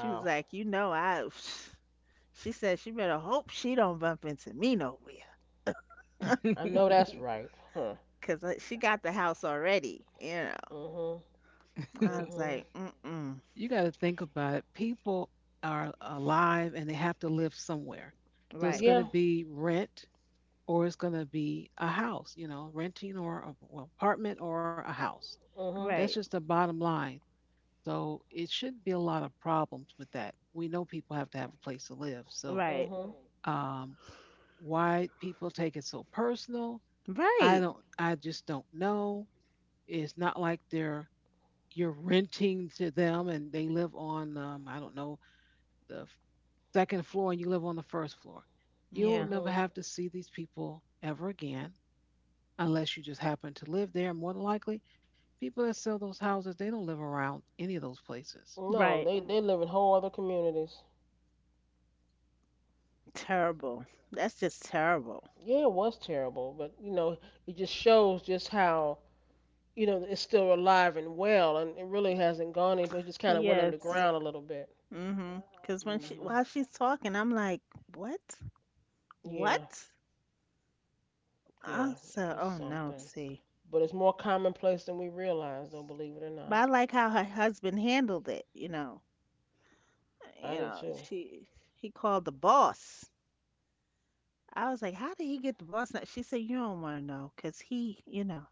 Speaker 2: She was like, you know, (sighs) (sniffs) she said she better hope she don't bump into me nowhere.
Speaker 1: I know that's right, huh?
Speaker 2: 'Cause I she got the house already, you know.
Speaker 1: Mhm,
Speaker 2: I was
Speaker 1: mhm,
Speaker 2: like, "Mm-mm."
Speaker 3: got to think about it. People are alive and they have to live somewhere. So it's
Speaker 2: Right.
Speaker 3: going
Speaker 1: yeah,
Speaker 3: to be rent, or it's going to be a house, you know, renting or a well, apartment or a house.
Speaker 1: mhm,
Speaker 3: That's
Speaker 2: Right.
Speaker 3: just the bottom line. So it shouldn't be a lot of problems with that. We know people have to have a place to live. So
Speaker 2: Right.
Speaker 1: mhm,
Speaker 3: um, why people take it so personal, I
Speaker 2: Right.
Speaker 3: don't. I just don't know. It's not like they're you're renting to them and they live on I don't know the f- second floor and you live on the first floor. You'll
Speaker 2: Yeah.
Speaker 3: never
Speaker 1: mhm.
Speaker 3: have to see these people ever again unless you just happen to live there. More than likely, people that sell those houses, they don't live around any of those places.
Speaker 1: No,
Speaker 2: Right.
Speaker 1: they live in whole other communities.
Speaker 2: Terrible. That's just terrible.
Speaker 1: Yeah, it was terrible, but you know, it just shows just how, you know, it's still alive and well, and it really hasn't gone any, but it just kind of went
Speaker 2: Yes.
Speaker 1: underground a little bit.
Speaker 2: Mhm. 'Cause when she
Speaker 1: Hmm.
Speaker 2: while she's talking, I'm like, "What?
Speaker 1: Yeah,
Speaker 2: What?"
Speaker 1: yeah,
Speaker 2: I said,
Speaker 1: that's
Speaker 2: "Oh no,
Speaker 1: something.
Speaker 2: see."
Speaker 1: But it's more commonplace than we realize, though, believe it or
Speaker 2: But I
Speaker 1: not.
Speaker 2: like how her husband handled it, you know. You
Speaker 1: I do
Speaker 2: know,
Speaker 1: too.
Speaker 2: she he called the boss. I was like, "How did he get the boss?" Now, she said, "You don't want to know 'cause he, you know,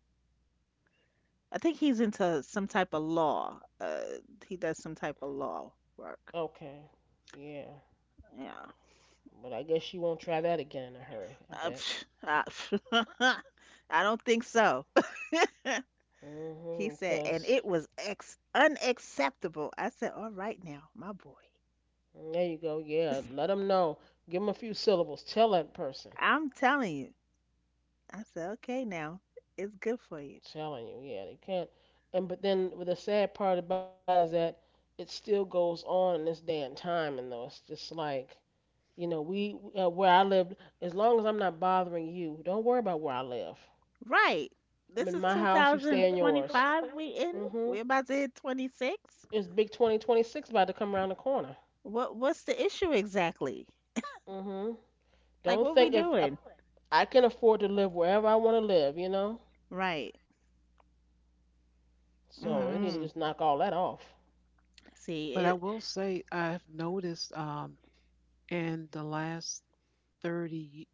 Speaker 2: I think he's into some type of law. He does some type of law work."
Speaker 1: Okay, yeah.
Speaker 2: Yeah.
Speaker 1: But I guess she won't try that again in a hurry, I bet.
Speaker 2: Psh, psh. (laughs) I don't think so. (laughs) He
Speaker 1: Mm-hmm,
Speaker 2: said, "And
Speaker 1: because,
Speaker 2: it was unacceptable." I said, "All right now, my boy."
Speaker 1: there you go, yeah,
Speaker 2: (laughs)
Speaker 1: let them know. Give them a few syllables. Tell that person.
Speaker 2: I'm telling you. I said, okay now, it's good for you.
Speaker 1: Telling you, yeah, they can't. And but then the sad part about it is that it still goes on in this day and time, and though it's just like, you know, we, where I live. As long as I'm not bothering you, don't worry about where I live.
Speaker 2: Right.
Speaker 1: I'm
Speaker 2: This
Speaker 1: in
Speaker 2: is
Speaker 1: my house. You stay in yours.
Speaker 2: 2025 we in?
Speaker 1: Mhm.
Speaker 2: We're about to hit 26?
Speaker 1: It's big 2026 about to come around the corner.
Speaker 2: What's the issue exactly?
Speaker 1: Mhm.
Speaker 2: Like
Speaker 1: Don't
Speaker 2: what we
Speaker 1: think if
Speaker 2: doing?
Speaker 1: I can afford to live wherever I want to live, you know.
Speaker 2: Right.
Speaker 3: Yeah,
Speaker 1: So
Speaker 3: I
Speaker 1: you need
Speaker 3: just,
Speaker 1: to just
Speaker 2: Mm.
Speaker 1: knock all that off.
Speaker 2: See
Speaker 3: but I
Speaker 2: it.
Speaker 3: will say I've noticed in the last 30,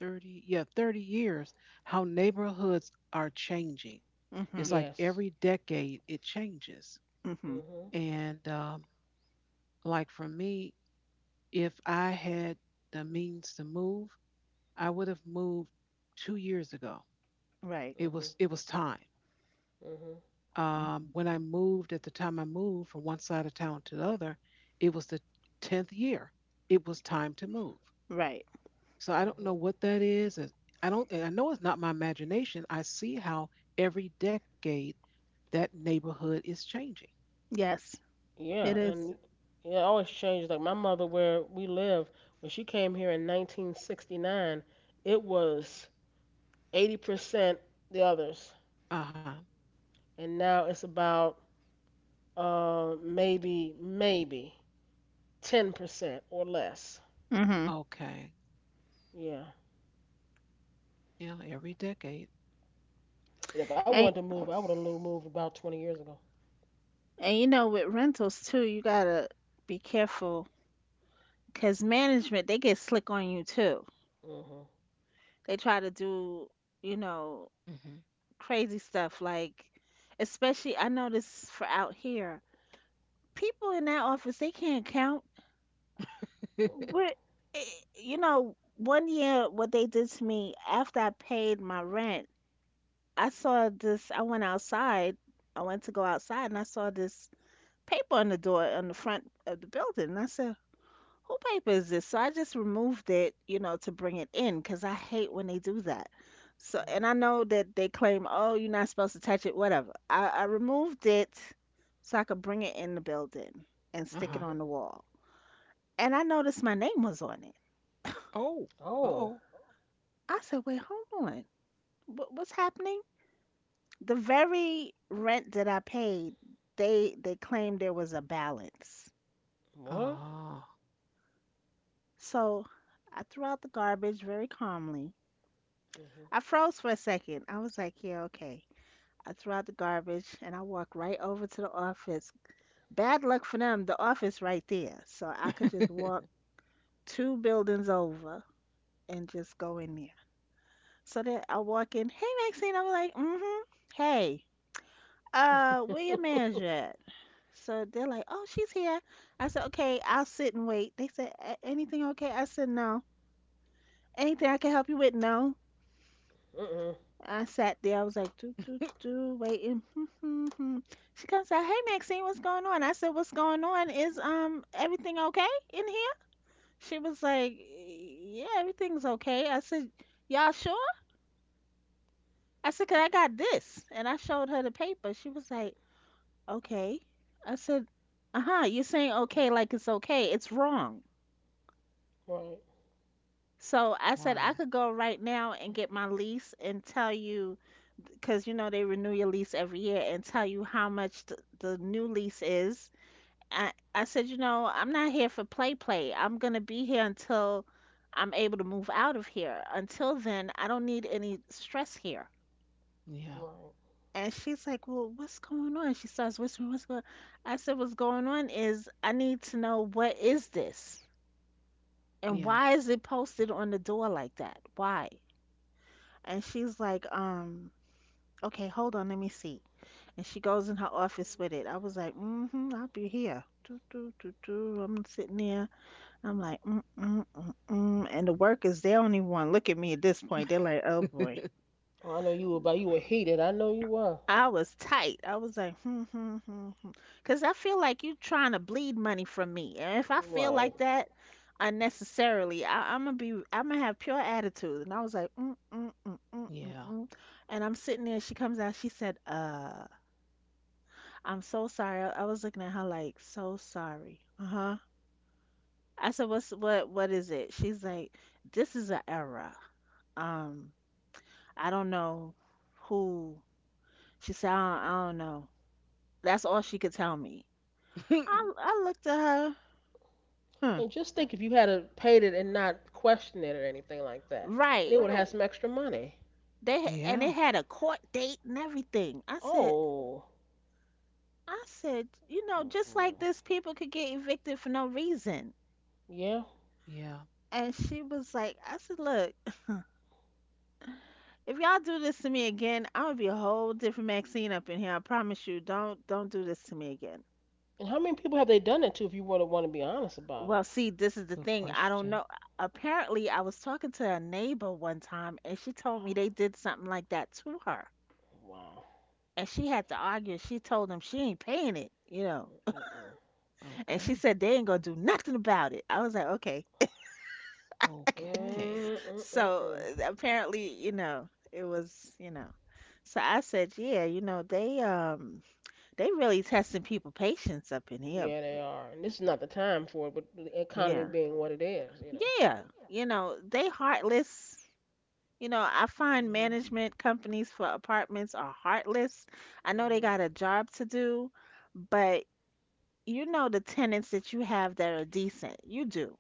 Speaker 3: 30, yeah, 30 years, how neighborhoods are changing. It's
Speaker 2: Mhm.
Speaker 3: like
Speaker 1: Yes.
Speaker 3: every decade it changes.
Speaker 2: Mhm.
Speaker 1: Mhm.
Speaker 3: And like for me, if I had the means to move, I would have moved 2 years ago.
Speaker 2: Right.
Speaker 1: Mhm.
Speaker 3: It was time.
Speaker 1: Mhm.
Speaker 3: Um,
Speaker 2: Mhm.
Speaker 3: when I moved, at the time I moved from one side of town to the other, it was the 10th year. It was time to move.
Speaker 2: Right.
Speaker 3: So I don't know
Speaker 1: Mhm.
Speaker 3: what that is. And I know it's not my imagination. I see how every decade that neighborhood is changing.
Speaker 2: Yes, it
Speaker 1: Yeah,
Speaker 2: is.
Speaker 1: and yeah, it always changes. Like my mother, where we live, when she came here in 1969, it was 80% the others,
Speaker 3: Uh huh.
Speaker 1: and now it's about maybe 10% or less.
Speaker 2: Mhm.
Speaker 3: Okay.
Speaker 1: Yeah,
Speaker 3: Yeah, every decade.
Speaker 1: and if I wanted
Speaker 2: And
Speaker 1: to move, I would have moved about 20 years ago.
Speaker 2: you know with rentals too, you gotta be careful because management they get slick on you too.
Speaker 1: Mhm.
Speaker 2: They try to do you know
Speaker 3: Hmm
Speaker 2: crazy stuff like, especially I know for out here. People in that office they can't count. We're,
Speaker 3: (laughs)
Speaker 1: Mhm.
Speaker 2: eh, you know, 1 year what they did to me after I paid my rent. I saw this. I went outside. I went to go outside and I saw this paper on the door on the front of the building. And I said, "Who paper is this?" So I just removed it, you know, to bring it in because I hate when they do that. So,
Speaker 1: Mhm.
Speaker 2: and I know that they claim, "Oh, you're not supposed to touch it." Whatever. I removed it so I could bring it in the building and
Speaker 3: Uh
Speaker 2: stick it
Speaker 3: huh.
Speaker 1: Mhm.
Speaker 2: on the wall. And I noticed my name was on it.
Speaker 3: Oh,
Speaker 1: Oh,
Speaker 3: oh.
Speaker 2: I said, "Wait, hold on. What's happening?" The very rent that I paid, they claimed there was a balance.
Speaker 1: what?
Speaker 3: Oh,
Speaker 2: So I threw out the garbage very calmly. I
Speaker 1: Hmm.
Speaker 2: froze for a second. I was like, yeah, okay. I threw out the garbage and I walked right over to the office. Bad luck for them, the office right there. So I could just walk
Speaker 3: (laughs)
Speaker 2: two buildings over and just go in there. So then I walk in, hey Maxine, I was like, mm-hmm. Hey,
Speaker 1: (laughs) Mhm.
Speaker 2: where your manager at? So they're like, "Oh, she's here." I said, "Okay, I'll sit and wait." They said, "Anything okay?" I said, "No." "Anything I can help you with?" "No." I sat there. I was like, "Do do do do," waiting. Hmm, hmm, hmm. She comes out, "Hey, Maxine, what's going on?" I said, "What's going on? Is everything okay in here?" She was like, "Yeah, everything's okay." I said, "Y'all sure?" I said, "Cause I got this," and I showed her the paper. She was like, "Okay." I said, "Uh huh. You're saying okay like it's okay. It's wrong."
Speaker 1: Right.
Speaker 2: So I said I
Speaker 3: wow.
Speaker 2: could go right now and get my lease and tell you, because you know they renew your lease every year and tell you how much the new lease is. I said, you know, I'm not here for play play. I'm gonna be here until I'm able to move out of here. Until then, I don't need any stress here.
Speaker 3: Yeah.
Speaker 1: Right.
Speaker 2: And she's like, well, what's going on? She starts whispering, what's going on? I said, what's going on is I need to know what is this? And
Speaker 3: Yeah.
Speaker 2: why is it posted on the door like that? Why? And she's like, okay, hold on, let me see. And she goes in her office with it. I was like, mm-hmm, I'll be here. Do, do, do, do. I'm sitting there. I'm like, mm, mm, mm, mm. And the workers, they don't even want to look at me at this point. They're like, oh boy.
Speaker 3: (laughs)
Speaker 1: Oh, I know you were, but you were heated. I know you were.
Speaker 2: I was tight. I was like, hmm, hmm, hmm, hmm. 'Cause I feel like you trying to bleed money from me. And if I feel
Speaker 1: Right.
Speaker 2: like that unnecessarily, I'm gonna have pure attitude. And I was like, mm, mm, mm, mm, mm,
Speaker 3: Yeah.
Speaker 2: mm. And I'm sitting there. She comes out. She said, I'm so sorry. I was looking at her like, so sorry. Uh-huh. I said, what is it? She's like, this is an error. Um, I don't know who. She said, I don't know. That's all she could tell me.
Speaker 3: (laughs)
Speaker 2: I looked at her. Hmm.
Speaker 1: And just think if you had a paid it and not questioned it or anything like that, then they
Speaker 2: Right.
Speaker 1: would have had some extra money.
Speaker 2: And
Speaker 3: Yeah.
Speaker 2: it had a court date and everything. I said,
Speaker 1: Oh.
Speaker 2: you know, just like
Speaker 1: Mm-mm.
Speaker 2: this, people could get evicted for no reason.
Speaker 1: Yeah.
Speaker 3: Yeah.
Speaker 2: And she was like, I said, look, if y'all do this to me again, I'm gonna be a whole different Maxine up in here. I promise you, don't do this to me again.
Speaker 1: And how many people have they done it to if you want to be honest about it?
Speaker 2: Well, see, this is the
Speaker 3: Good
Speaker 2: thing. I don't
Speaker 3: question.
Speaker 2: know. Apparently, I was talking to a neighbor one time, and she told me they did something like that to her.
Speaker 1: Wow.
Speaker 2: And she had to argue. She told them she ain't paying it, you know.
Speaker 1: Mm-mm-mm.
Speaker 2: And she
Speaker 3: Okay.
Speaker 2: said they ain't gonna do nothing about it. I was like, okay.
Speaker 3: Okay.
Speaker 2: So
Speaker 1: Mm-mm-mm.
Speaker 2: apparently, you know, it was, you know. So I said, yeah, you know, they really testing people patience up in here,
Speaker 1: Yeah, they
Speaker 2: boy.
Speaker 1: are. And this is not the time for it, but the economy
Speaker 2: Yeah.
Speaker 1: being what it is, you know.
Speaker 2: Yeah. You know, they heartless. You know, I find
Speaker 1: Mhm.
Speaker 2: management companies for apartments are heartless. I know they
Speaker 1: Mhm.
Speaker 2: got a job to do, but you know the tenants that you have that are decent. You do.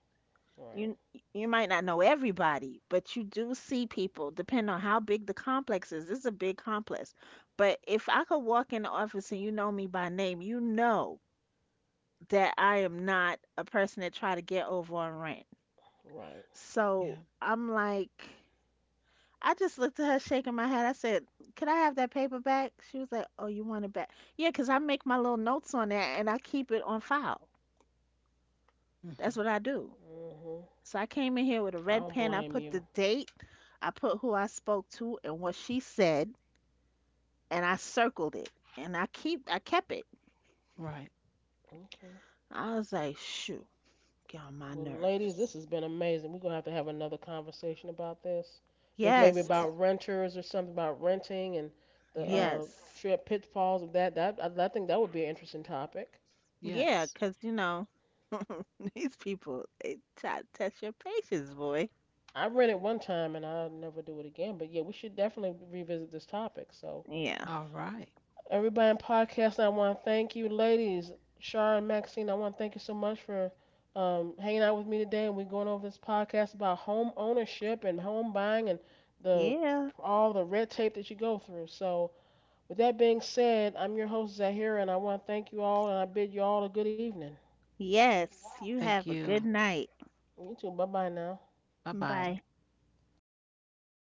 Speaker 1: Right.
Speaker 2: you you might not know everybody, but you do see people, depending on how big the complex is. This is a big complex. But if I could walk in the office and you know me by name, you know that I am not a person that try to get over on rent.
Speaker 1: Right.
Speaker 3: Yeah.
Speaker 2: So I'm like, I just looked at her shaking my head. I said, "Could I have that paper back?" She was like, "Oh, you want it back?" Yeah, 'cause I make my little notes on that and I keep it on file.
Speaker 3: hmm
Speaker 2: That's what I do.
Speaker 1: Mhm.
Speaker 2: So I came in here with a
Speaker 1: I
Speaker 2: red
Speaker 1: don't
Speaker 2: pen. I
Speaker 1: blame
Speaker 2: put
Speaker 1: you.
Speaker 2: the date, I put who I spoke to and what she said, and I circled it. And I kept it.
Speaker 3: Right.
Speaker 1: Okay.
Speaker 2: I was like, shoo, get on my
Speaker 1: Well, ladies, this
Speaker 2: nerves.
Speaker 1: has been amazing. We're gonna have to have another conversation about this. This maybe
Speaker 2: Yes.
Speaker 1: about renters or something about renting and the
Speaker 3: Yeah.
Speaker 2: Yes.
Speaker 1: trip pitfalls of that. That I think that would be an interesting topic.
Speaker 2: Yeah,
Speaker 3: Yes.
Speaker 2: 'cause you know, (laughs) these people they try to test your patience, boy.
Speaker 1: I read it one time and I'll never do it again. But yeah, we should definitely revisit this topic. So
Speaker 2: Yeah.
Speaker 3: All right.
Speaker 1: everybody in podcast, I want to thank you, ladies. Shar and Maxine, I want to thank you so much for hanging out with me today. And we're going over this podcast about home ownership and home buying and the
Speaker 2: Yeah.
Speaker 1: all the red tape that you go through. So, with that being said, I'm your host Zahira, and I want to thank you all, and I bid you all a good evening.
Speaker 2: Yes. You
Speaker 3: Thank
Speaker 2: have a
Speaker 3: you.
Speaker 2: good night.
Speaker 1: You too. Bye bye now.
Speaker 3: Bye bye.
Speaker 2: Bye.